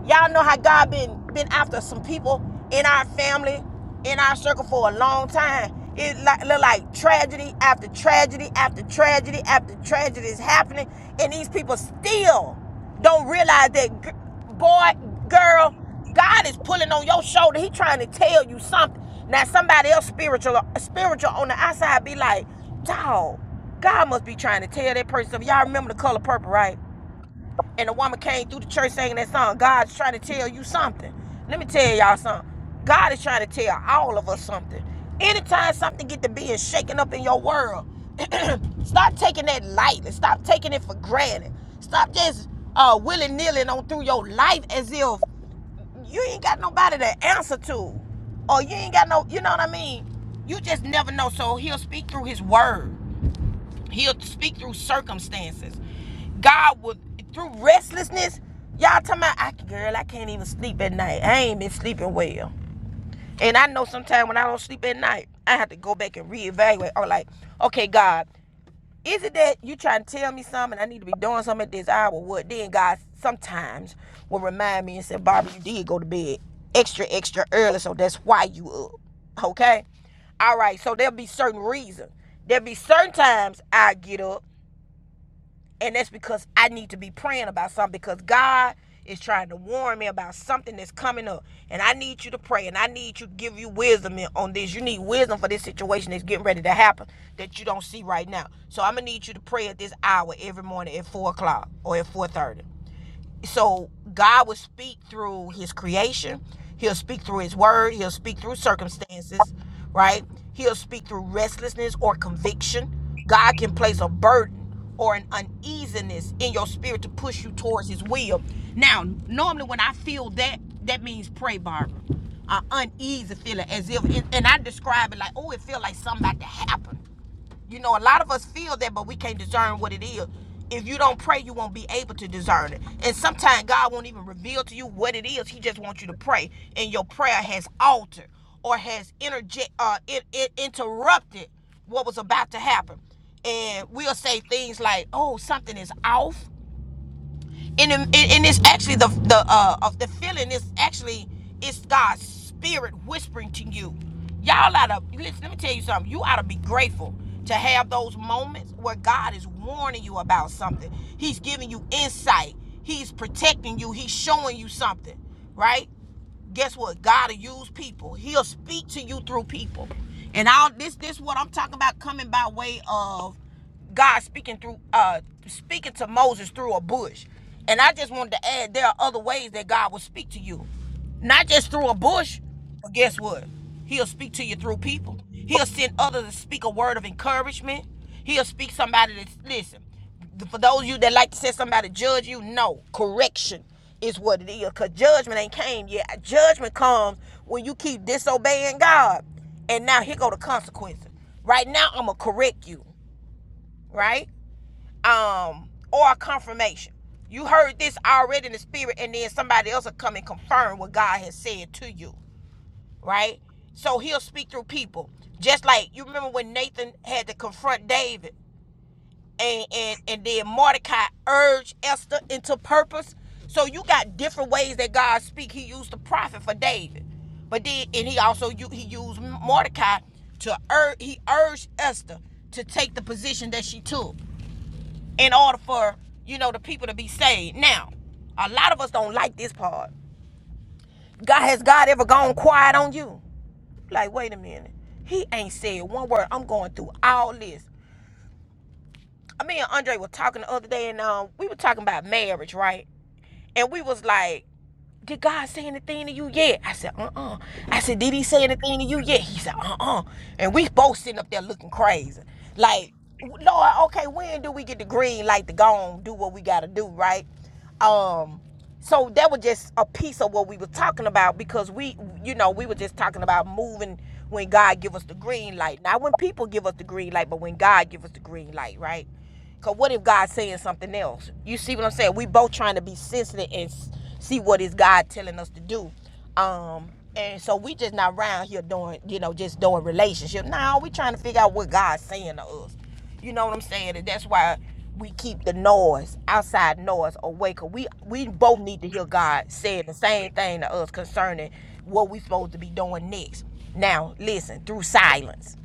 Y'all know how God been been after some people in our family, in our circle for a long time. It like, look like like tragedy after tragedy after tragedy after tragedy is happening, and these people still don't realize that g- boy, girl, God is pulling on your shoulder. He trying to tell you something. Now somebody else spiritual spiritual on the outside be like, dog, God must be trying to tell that person. Y'all remember the color purple, right? and a woman came through the church singing that song, God's trying to tell you something. Let me tell y'all something. God is trying to tell all of us something. Anytime something get to being shaken up in your world, stop taking that lightly. Stop taking it for granted. Stop just uh, willy-nilly on through your life as if you ain't got nobody to answer to. Or you ain't got no, you know what I mean? You just never know. So he'll speak through his word. He'll speak through circumstances. God will through restlessness. Y'all talking about I girl, I can't even sleep at night. I ain't been sleeping well. And I know sometimes when I don't sleep at night, I have to go back and reevaluate. Or like, okay, God, is it that you trying to tell me something? I need to be doing something at this hour. What then God sometimes will remind me and say, Barbara, you did go to bed extra, extra early, so that's why you up. Okay? All right, so there'll be certain reasons. There'll be certain times I get up and that's because I need to be praying about something because God is trying to warn me about something that's coming up. And I need you to pray and I need you to give you wisdom on this. You need wisdom for this situation that's getting ready to happen that you don't see right now. So I'm gonna need you to pray at this hour every morning at four o'clock or at four thirty so God will speak through his creation. He'll speak through his word. He'll speak through circumstances, right? He'll speak through restlessness or conviction. God can place a burden or an uneasiness in your spirit to push you towards his will. Now, normally when I feel that, that means pray, Barbara. An uneasy feeling as if, and I describe it like, oh, it feel like something about to happen you know, a lot of us feel that, but we can't discern what it is. If you don't pray, you won't be able to discern it. And sometimes God won't even reveal to you what it is. He just wants you to pray, and your prayer has altered or has interje- uh, it, it interrupted what was about to happen. And we'll say things like, "Oh, something is off," and, and it's actually the the uh of the feeling is actually it's God's spirit whispering to you. Y'all oughta listen. Let me tell you something. You oughta be grateful to have those moments where God is warning you about something. He's giving you insight. He's protecting you. He's showing you something, right? guess what? God will use people. He'll speak to you through people. And all this this is what I'm talking about coming by way of God speaking through uh speaking to Moses through a bush. And I just wanted to add there are other ways that God will speak to you. Not just through a bush, but guess what? He'll speak to you through people. He'll send others to speak a word of encouragement. He'll speak somebody that's listen for those of you that like to say somebody judge you, no. Correction is what it is. Cause judgment ain't came yet. Judgment comes when you keep disobeying God. And now here go the consequences. Right now I'ma correct you. Right? Um, or a confirmation. You heard this already in the spirit, and then somebody else will come and confirm what God has said to you. Right? So he'll speak through people. Just like you remember when Nathan had to confront David and and and then Mordecai urged Esther into purpose. So you got different ways that God speak. He used the prophet for David, but then and he also he used Mordecai to urge he urged Esther to take the position that she took in order for you know the people to be saved. Now, a lot of us don't like this part. God has God ever gone quiet on you? Like wait a minute, he ain't said one word. I'm going through all this. me and Andre were talking the other day, and um, we were talking about marriage, right? And we was like, "Did God say anything to you yet?" I said, "Uh, uh I said, "Did He say anything to you yet?" He said, "Uh, uh And we both sitting up there looking crazy, like, "Lord, okay, when do we get the green light to go on do what we gotta do, right?" Um, so that was just a piece of what we were talking about because we, you know, we were just talking about moving when God give us the green light, not when people give us the green light, but when God give us the green light, right? Cause what if God's saying something else? You see what I'm saying? We both trying to be sensitive and see what is God telling us to do. Um, and so we just not around here doing, you know, just doing relationship. Now we trying to figure out what God's saying to us. You know what I'm saying? And that's why we keep the noise, outside noise away. Cause we we both need to hear God saying the same thing to us concerning what we supposed to be doing next. Now listen, through silence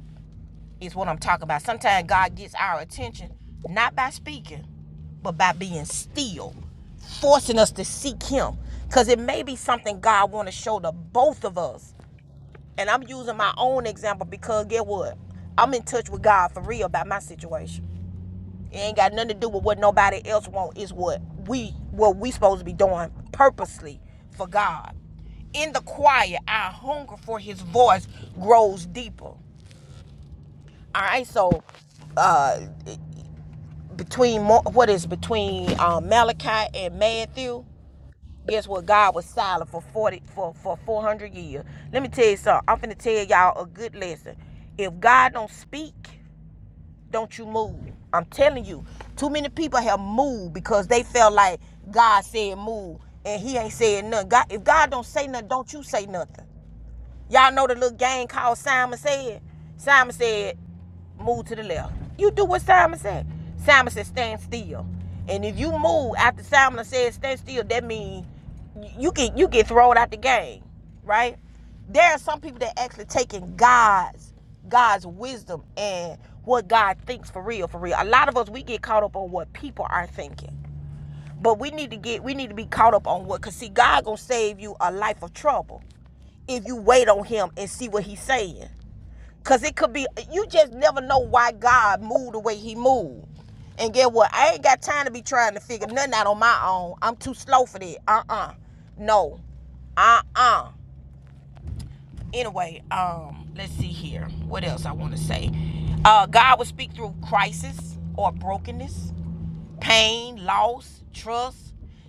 is what I'm talking about. Sometimes God gets our attention not by speaking, but by being still, forcing us to seek Him. Because it may be something God want to show to both of us. And I'm using my own example because get what? I'm in touch with God for real about my situation. It ain't got nothing to do with what nobody else want. It's what we what we supposed to be doing purposely for God. In the quiet, our hunger for his voice grows deeper. All right, so uh between what is between um, Malachi and Matthew. Guess what? God was silent for forty for for four hundred years. Let me tell you something. I'm finna tell y'all a good lesson. If God don't speak, don't you move. I'm telling you. Too many people have moved because they felt like God said move and He ain't saying nothing. God, if God don't say nothing, don't you say nothing. Y'all know the little game called Simon Said? Simon Said, move to the left. You do what Simon said. Simon said, stand still. And if you move after Simon said stand still, that means you get you get thrown out the game, right? There are some people that actually taking God's God's wisdom and what God thinks for real, for real. A lot of us we get caught up on what people are thinking but we need to get we need to be caught up on what cause see God gonna save you a life of trouble if you wait on him and see what he's saying. Cause it could be you just never know why God moved the way he moved. And get what? I ain't got time to be trying to figure nothing out on my own. I'm too slow for that. Uh-uh. No. Uh-uh. Anyway, um, let's see here. What else I want to say? Uh, God will speak through crisis or brokenness pain, loss, trust.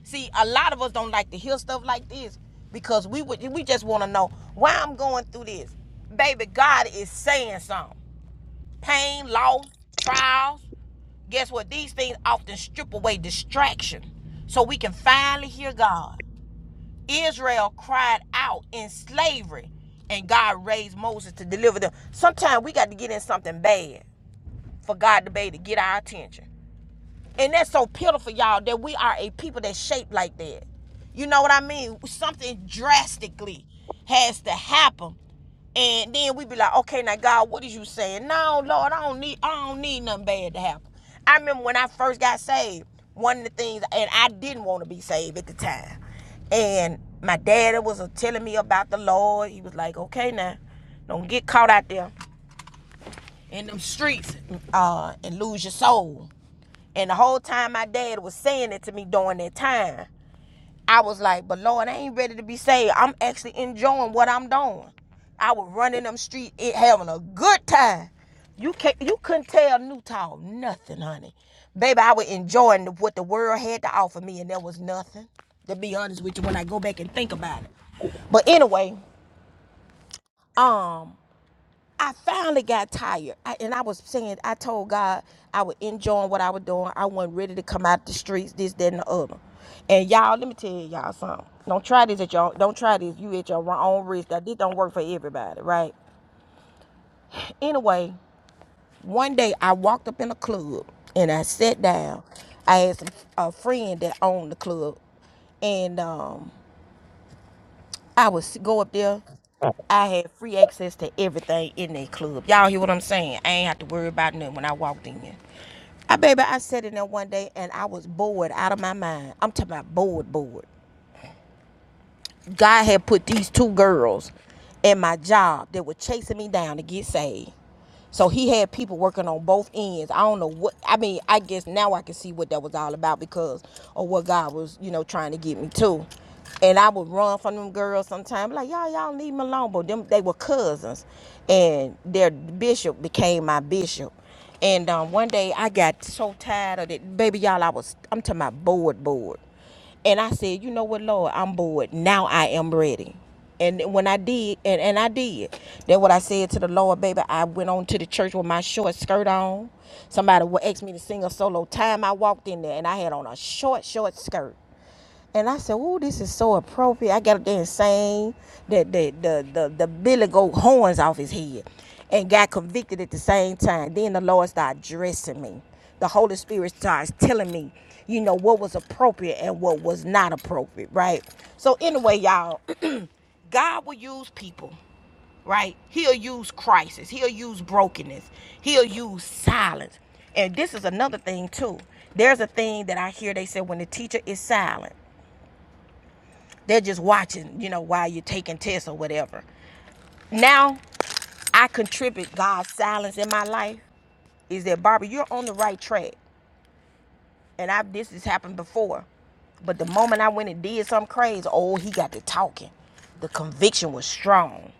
See, a lot of us don't like to hear stuff like this because we would we just want to know why I'm going through this. Baby, God is saying something. Pain, loss, trials. Guess what? These things often strip away distraction so we can finally hear God. Israel cried out in slavery and God raised Moses to deliver them. Sometimes we got to get in something bad for God to be able to get our attention. And that's so pitiful, y'all, that we are a people that's shaped like that. You know what I mean? Something drastically has to happen. And then we be like, okay, now God, what is you saying? No, Lord, I don't need I don't need nothing bad to happen. I remember when I first got saved, one of the things and I didn't want to be saved at the time. And my daddy was uh, telling me about the Lord. He was like, okay now, don't get caught out there in them streets uh, and lose your soul. And the whole time my dad was saying it to me during that time, I was like, but Lord, I ain't ready to be saved. I'm actually enjoying what I'm doing. I was running them streets, it having a good time. You can't, you couldn't tell Newtown nothing, honey. Baby, I was enjoying what the world had to offer me, and there was nothing. To be honest with you, when I go back and think about it. But anyway, um, I finally got tired. I, and I was saying, I told God I was enjoying what I was doing. I wasn't ready to come out the streets, this, that, and the other. And y'all, let me tell y'all something. Don't try this at y'all. Don't try this. You at your own risk. That this don't work for everybody, right? Anyway, one day I walked up in a club and I sat down. I had some, a friend that owned the club and um, I would s- go up there. All I had free access to everything in that club. Y'all hear what I'm saying? I ain't have to worry about nothing when I walked in. I baby, I sat in there one day and I was bored out of my mind. I'm talking about bored, bored. God had put these two girls in my job that were chasing me down to get saved. So he had people working on both ends. I don't know what I mean, I guess now I can see what that was all about because of what God was, you know, trying to get me to. And I would run from them girls sometimes, like, y'all, y'all leave me alone. But them they were cousins. And their bishop became my bishop. And um, one day I got so tired of it. Baby, y'all, I was I'm talking about bored bored. And I said, you know what, Lord, I'm bored. Now I am ready. And when I did, and, and I did, then what I said to the Lord, baby, I went on to the church with my short skirt on. Somebody wa- asked me to sing a solo. Time I walked in there, and I had on a short, short skirt. And I said, "Ooh, this is so appropriate." I got up there and sang that the the the the Billy Goat horns off his head, and got convicted at the same time. Then the Lord started dressing me. The Holy Spirit starts telling me, you know, what was appropriate and what was not appropriate, right? So anyway, y'all, God will use people, right? He'll use crisis. He'll use brokenness. He'll use silence. And this is another thing too. There's a thing that I hear they say when the teacher is silent. They're just watching, you know, while you're taking tests or whatever. Now I contribute God's silence in my life. Is that Barbara, you're on the right track. And I've this has happened before. But the moment I went and did something crazy, oh, he got to talking. The conviction was strong.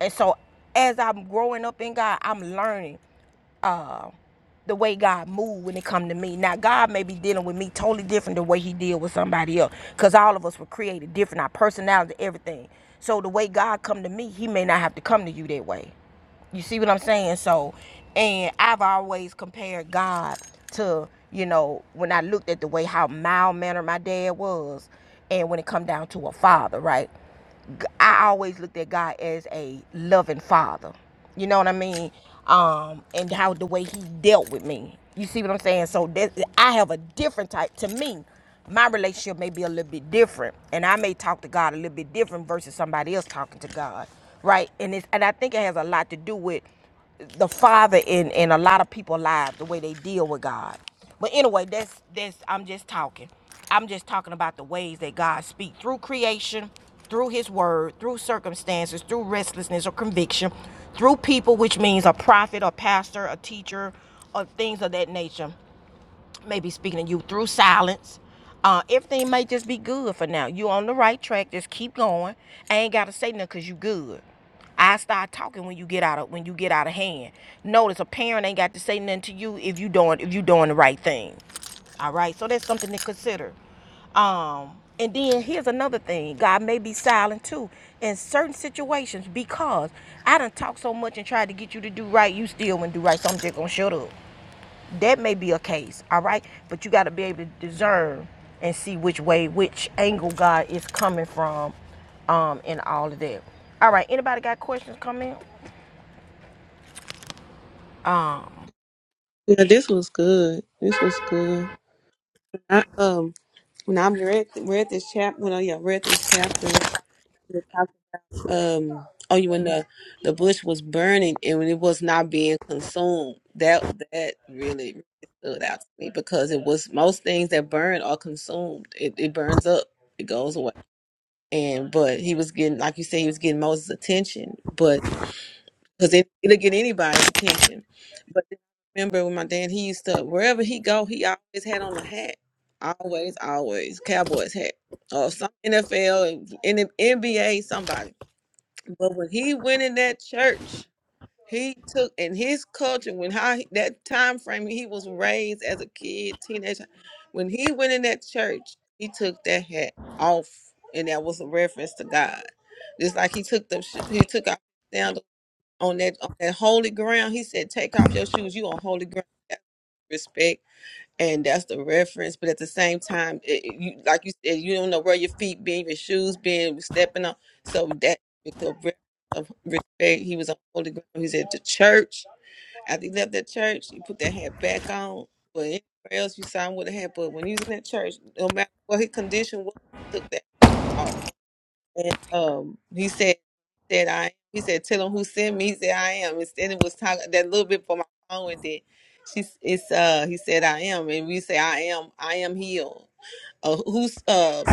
And so as I'm growing up in God, I'm learning uh, the way God moved when it come to me. Now God may be dealing with me totally different the way he deal with somebody else. Cause all of us were created different, our personality, everything. So the way God come to me, he may not have to come to you that way. You see what I'm saying? So and I've always compared God to, you know, when I looked at the way how mild mannered my dad was and when it come down to a father, right? I always looked at God as a loving father. You know what I mean? Um, and how the way he dealt with me. You see what I'm saying? So that I have a different type to me. My relationship may be a little bit different, and I may talk to God a little bit different versus somebody else talking to God, right? And it's and I think it has a lot to do with the father in in a lot of people's lives the way they deal with god but anyway that's that's i'm just talking i'm just talking about the ways that god speaks through creation through his word through circumstances through restlessness or conviction through people which means a prophet a pastor a teacher or things of that nature May be speaking to you through silence. Uh, everything may just be good for now. You on the right track. Just keep going. I ain't gotta say nothing cause you good. I start talking when you get out of when you get out of hand. Notice a parent ain't got to say nothing to you if you doing if you doing the right thing. All right, so that's something to consider. Um, and then here's another thing: God may be silent too in certain situations because I done talked so much and tried to get you to do right, you still wouldn't do right. So I'm just gonna shut up that may be a case all right but you got to be able to discern and see which way which angle god is coming from um in all of that all right anybody got questions comment Yeah, this was good. This was good. I, um, when I read read this chapter, when I yeah read this chapter, it talked- um, oh, you when the the bush was burning and when it was not being consumed, that that really really stood out to me because it was most things that burn are consumed. It it burns up. It goes away. And but he was getting, like you said, he was getting Moses' attention, but because it, it'll get anybody's attention. But I remember when my dad, he used to wherever he go, he always had on a hat, always, always Cowboys hat or some NFL, NBA, somebody. But when he went in that church, he took in his culture when how he, that time frame he was raised as a kid, teenager. When he went in that church, he took that hat off, and that was a reference to God. Just like he took the sh- he took off on that on that holy ground. He said, "Take off your shoes. You on holy ground." That's respect, and that's the reference. But at the same time, it, it- you like you said, you don't know where your feet been, your shoes been, stepping on. So that is the reference of respect. He was on holy ground. He was at the church. After he left that church, he put that hat back on. But anywhere else you saw him with a hat, but when he was in that church, no matter what his condition was, he took that off. And um, he said, "said I." He said, "Tell him who sent me." He said, "I am." And then it was talking that little bit for my phone, and then she's it's uh. He said, "I am," and we say, "I am. I am healed." Uh, who's uh,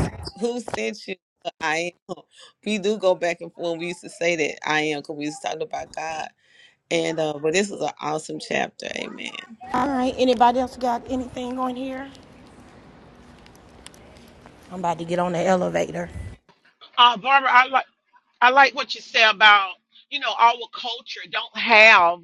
who sent you? I am. huh? We do go back and forth. We used to say that I am because we used to talk about God. And uh, but this is an awesome chapter. Amen. all right anybody else got anything on here i'm about to get on the elevator Uh, Barbara, I like I like what you say about you know our culture don't have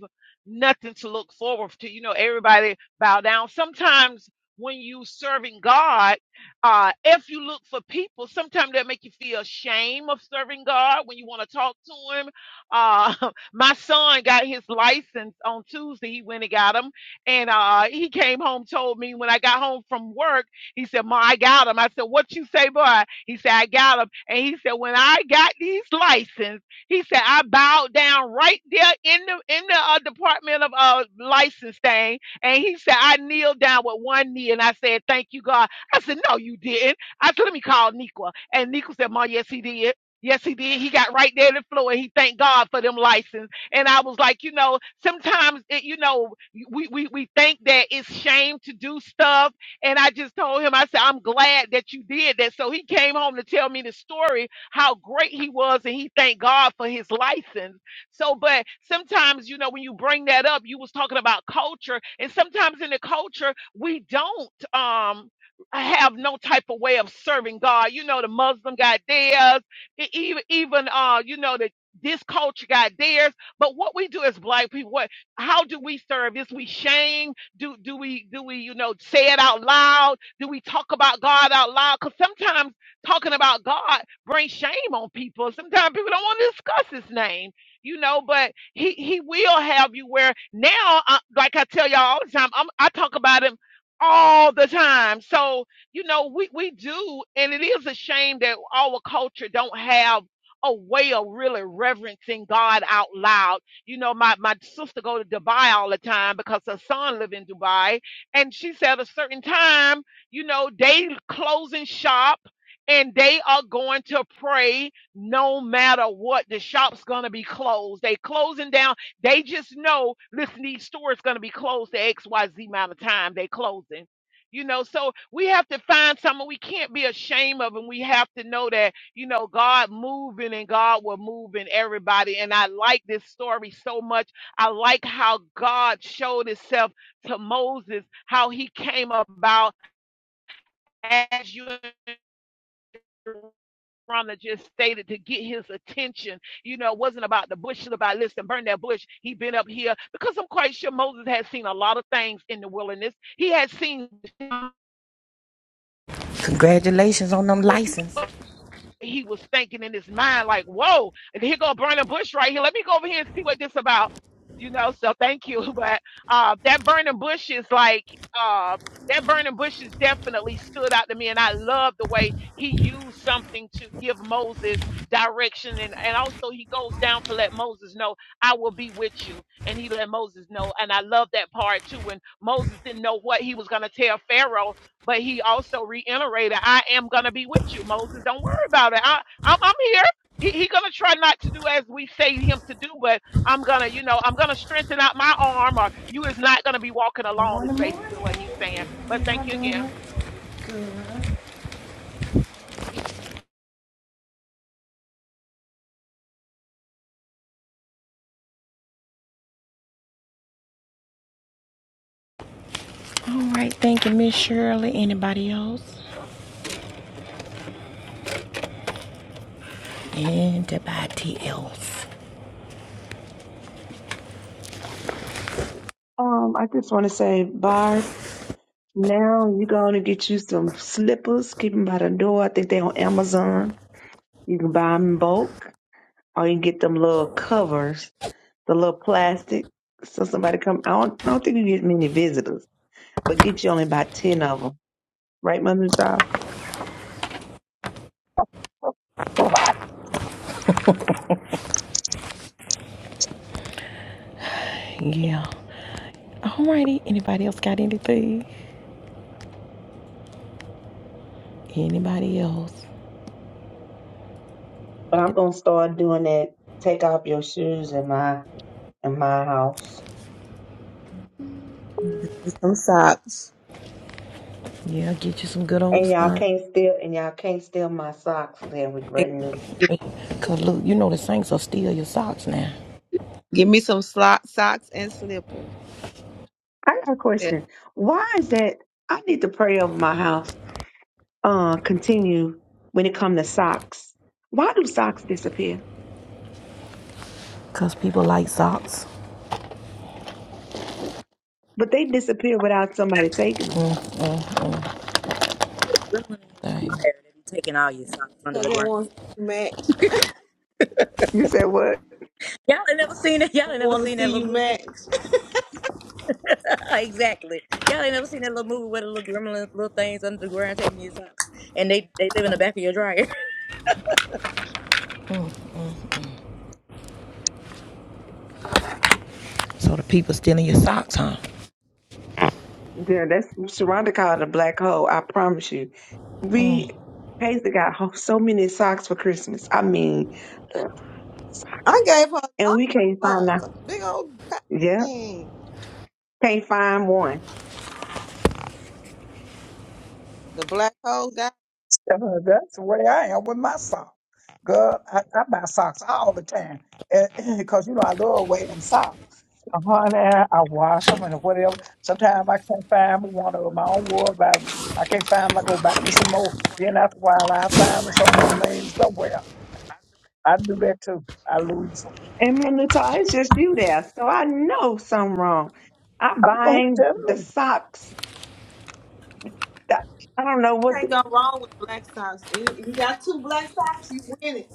nothing to look forward to. You know, everybody bow down. Sometimes when you serving God, uh, if you look for people, sometimes that make you feel shame of serving God when you want to talk to Him. Uh, my son got his license on Tuesday. He went and got him, and uh, he came home told me when I got home from work, he said, "Ma, I got him." I said, "What you say, boy?" He said, I got them. And he said, when I got these license, he said, I bowed down right there in the in the uh, department of uh, license thing. And he said, I kneeled down with one knee and I said, thank you, God. I said, no, you didn't. I said, let me call Niqua. And Niqua said, Ma, yes, he did. Yes, he did. He got right there in the floor and he thanked God for them license. And I was like, you know, sometimes, it, you know, we, we, we think that it's shame to do stuff and I just told him, I said, I'm glad that you did that. So he came home to tell me the story, how great he was, and he thanked God for his license. So, but sometimes, you know, when you bring that up, you was talking about culture, and sometimes in the culture, we don't um have no type of way of serving God. You know, the Muslim got theirs, e- even even uh, you know, the this culture got theirs. But what we do as black people, what how do we serve? Is we shame? do do we do we you know say it out loud do we talk about god out loud because sometimes talking about god brings shame on people sometimes people don't want to discuss his name you know but he he will have you where now uh, like i tell y'all all the time I'm, i talk about him all the time so you know we we do and it is a shame that our culture don't have a way of really reverencing god out loud you know, my, my sister go to Dubai all the time because her son live in Dubai. And she said a certain time, you know, they closing shop and they are going to pray no matter what. The shop's gonna be closed. They closing down. They just know, listen, these stores gonna be closed the XYZ amount of time. They closing. You know, so we have to find someone we can't be ashamed of, and we have to know that you know, God moving and God were moving everybody. And I like this story so much. I like how God showed himself to Moses, how he came about as you Rhonda just stated to get his attention. You know, it wasn't about the bush, it was about listen, burn that bush. He been up here because I'm quite sure Moses had seen a lot of things in the wilderness. He had seen congratulations on them license he was thinking in his mind, like, whoa, here go Burning Bush right here. Let me go over here and see what this about. You know, so thank you. But uh that burning bush is like uh that burning bush is definitely stood out to me and I love the way he used something to give Moses direction and, and also he goes down to let Moses know I will be with you and he let Moses know and I love that part too when Moses didn't know what he was gonna tell Pharaoh but he also reiterated, I am going to be with you, Moses. Don't worry about it. I, I'm, I'm here. He, he going to try not to do as we say him to do, but I'm going to, you know, I'm going to strengthen out my arm or you is not going to be walking alone is basically what he's saying. But thank you again. all right thank you miss shirley anybody else anybody else Um, I just want to say, Barb, now you're going to get you some slippers. Keep them by the door. I think they're on Amazon. You can buy them in bulk or you get them little covers, the little plastic. So somebody come. I don't, I don't think you get many visitors, but get you only about ten of them, right, Mother Child? right, yeah all righty anybody else got anything anybody else But I'm gonna start doing that. Take off your shoes in my in my house. Some socks. yeah get you some good old And y'all stuff can't steal and y'all can't steal my socks Then we brand new. Cause look, you know the saints will steal your socks now. Give me some slot socks and slippers. I got a Yeah. question. Why is that I need to pray over my house, uh, continue when it comes to socks. Why do socks disappear? Cause people like socks. But they disappear without somebody taking them. Dang. They be taking all your socks. Cause it wearing wants to match. You said what? Y'all, I Want to see you movie, match? like, y'all ain't never seen that little movie where the little gremlin, little things under the ground taking your socks, and they they live in the back of your dryer. So the people stealing your socks, huh? Yeah, that's Sharonda called it a black hole. I promise you. We Paisley got ho- so many socks for Christmas. I mean, ugh, socks. I gave her a lot and of we can't find socks, that. a big old pack Yeah, thing. can't find one. The black hole guy. uh, that's the way I am with my socks. Girl, I, I buy socks all the time because you know I love wearing socks. Honey, I I wash them and whatever. Sometimes I can't find me one of them. I don't worry about 'em. I can't find them. I go buy me some more. Then after a while, I find them somewhere, laying somewhere. I do that too. I lose them. And Manuta, it's just you there. So I know something wrong. I'm I don't know, buying the me. socks. that- I don't know what Can't the, go wrong with black socks. If if you got two black socks, you win it.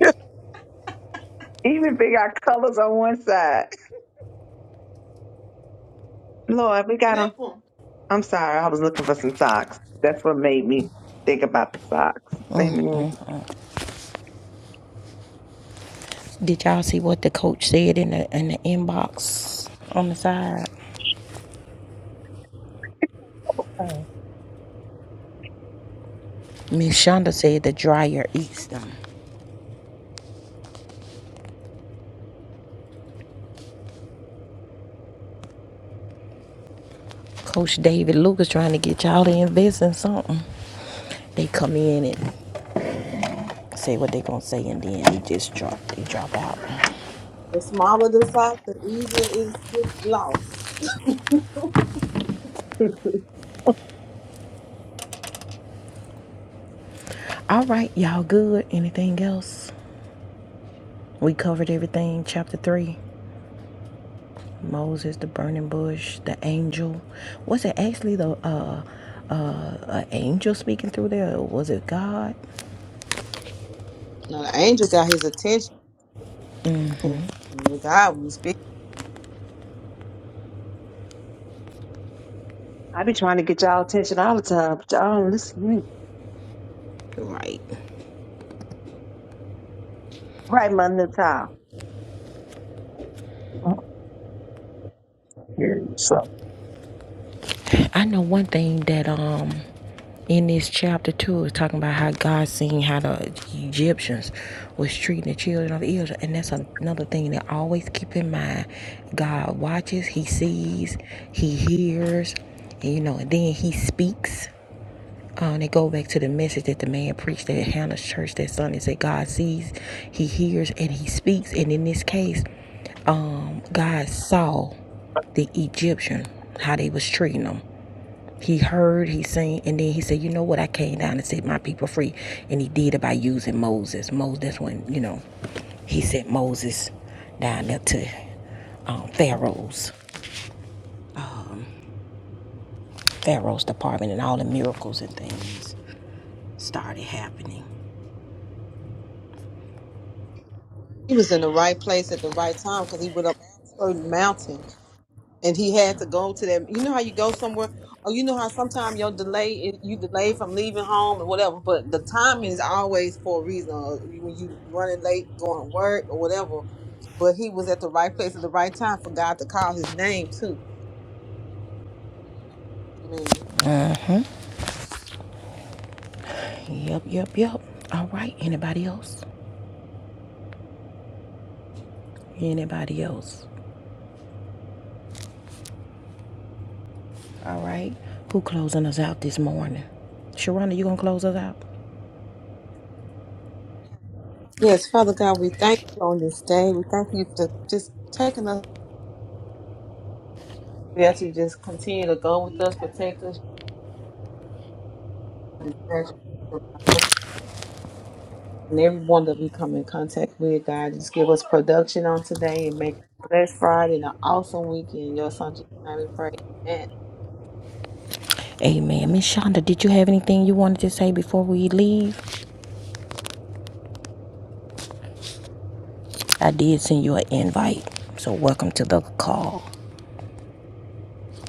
even if they got colors on one side. Lord, we got Flip them. them. I'm sorry. I was looking for some socks. That's what made me think about the socks. Amen. Did y'all see what the coach said in the in the inbox on the side? Uh, Miss Shonda said the dryer eats them. Coach David Lucas trying to get y'all to invest in something. They come in and say what they gonna say and then they just drop they drop out. The smaller the sock, the easier it gets lost. All right, y'all good. Anything else? We covered everything, chapter three. Moses, the burning bush, the angel. Was it actually the uh uh an angel speaking through there or was it God? Now the angel got his attention. And God was speaking. I be trying to get y'all attention all the time, but y'all don't listen to me. Right. Right, Manuta. uh, yeah, so. I know one thing that um in this chapter two is talking about how God seen how the Egyptians was treating the children of Israel and that's another thing that I always keep in mind. God watches, he sees, he hears, and, you know, and then he speaks Uh, and it go back to the message that the man preached at Hannah's church that Sunday. Said God sees, He hears, and He speaks. And in this case, God saw the Egyptian how they was treating them. He heard, he seen, and then he said, "You know what? I came down and set my people free." And he did it by using Moses. Moses. That's when you know he sent Moses down there to um, Pharaoh's Pharaoh's department, and all the miracles and things started happening. He was in the right place at the right time because he went up a certain mountain and he had to go to that. You know how you go somewhere, or you know how sometimes your delay is- you delay from leaving home and whatever. But the timing is always for a reason. or When you running late, going to work or whatever. But he was at the right place at the right time for God to call his name too. Yep, yep, yep. All right. Anybody else? Anybody else? All right. Who closing us out this morning? Sharonda, you gonna close us out? Yes, Father God, we thank you on this day. We thank you for just taking us. We ask you to just continue to go with us, protect us, and protect us and everyone that we come in contact with, God. Just give us production on today and make it a blessed Friday and an awesome weekend. Your son, Jesus, name we pray. Amen. Amen. Miss Shonda, did you have anything you wanted to say before we leave? I did send you an invite, so welcome to the call.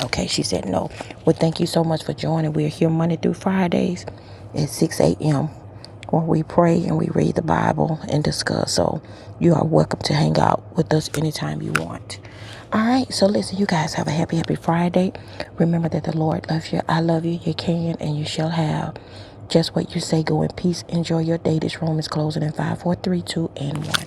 Okay, she said no. Well, thank you so much for joining. We're here Monday through Fridays at 6 a.m. where we pray and we read the Bible and discuss. So you are welcome to hang out with us anytime you want. All right, so listen, you guys have a happy, happy Friday. Remember that the Lord loves you. I love you. You can and you shall have just what you say. Go in peace. Enjoy your day. This room is closing in five, four, three, two, and 1.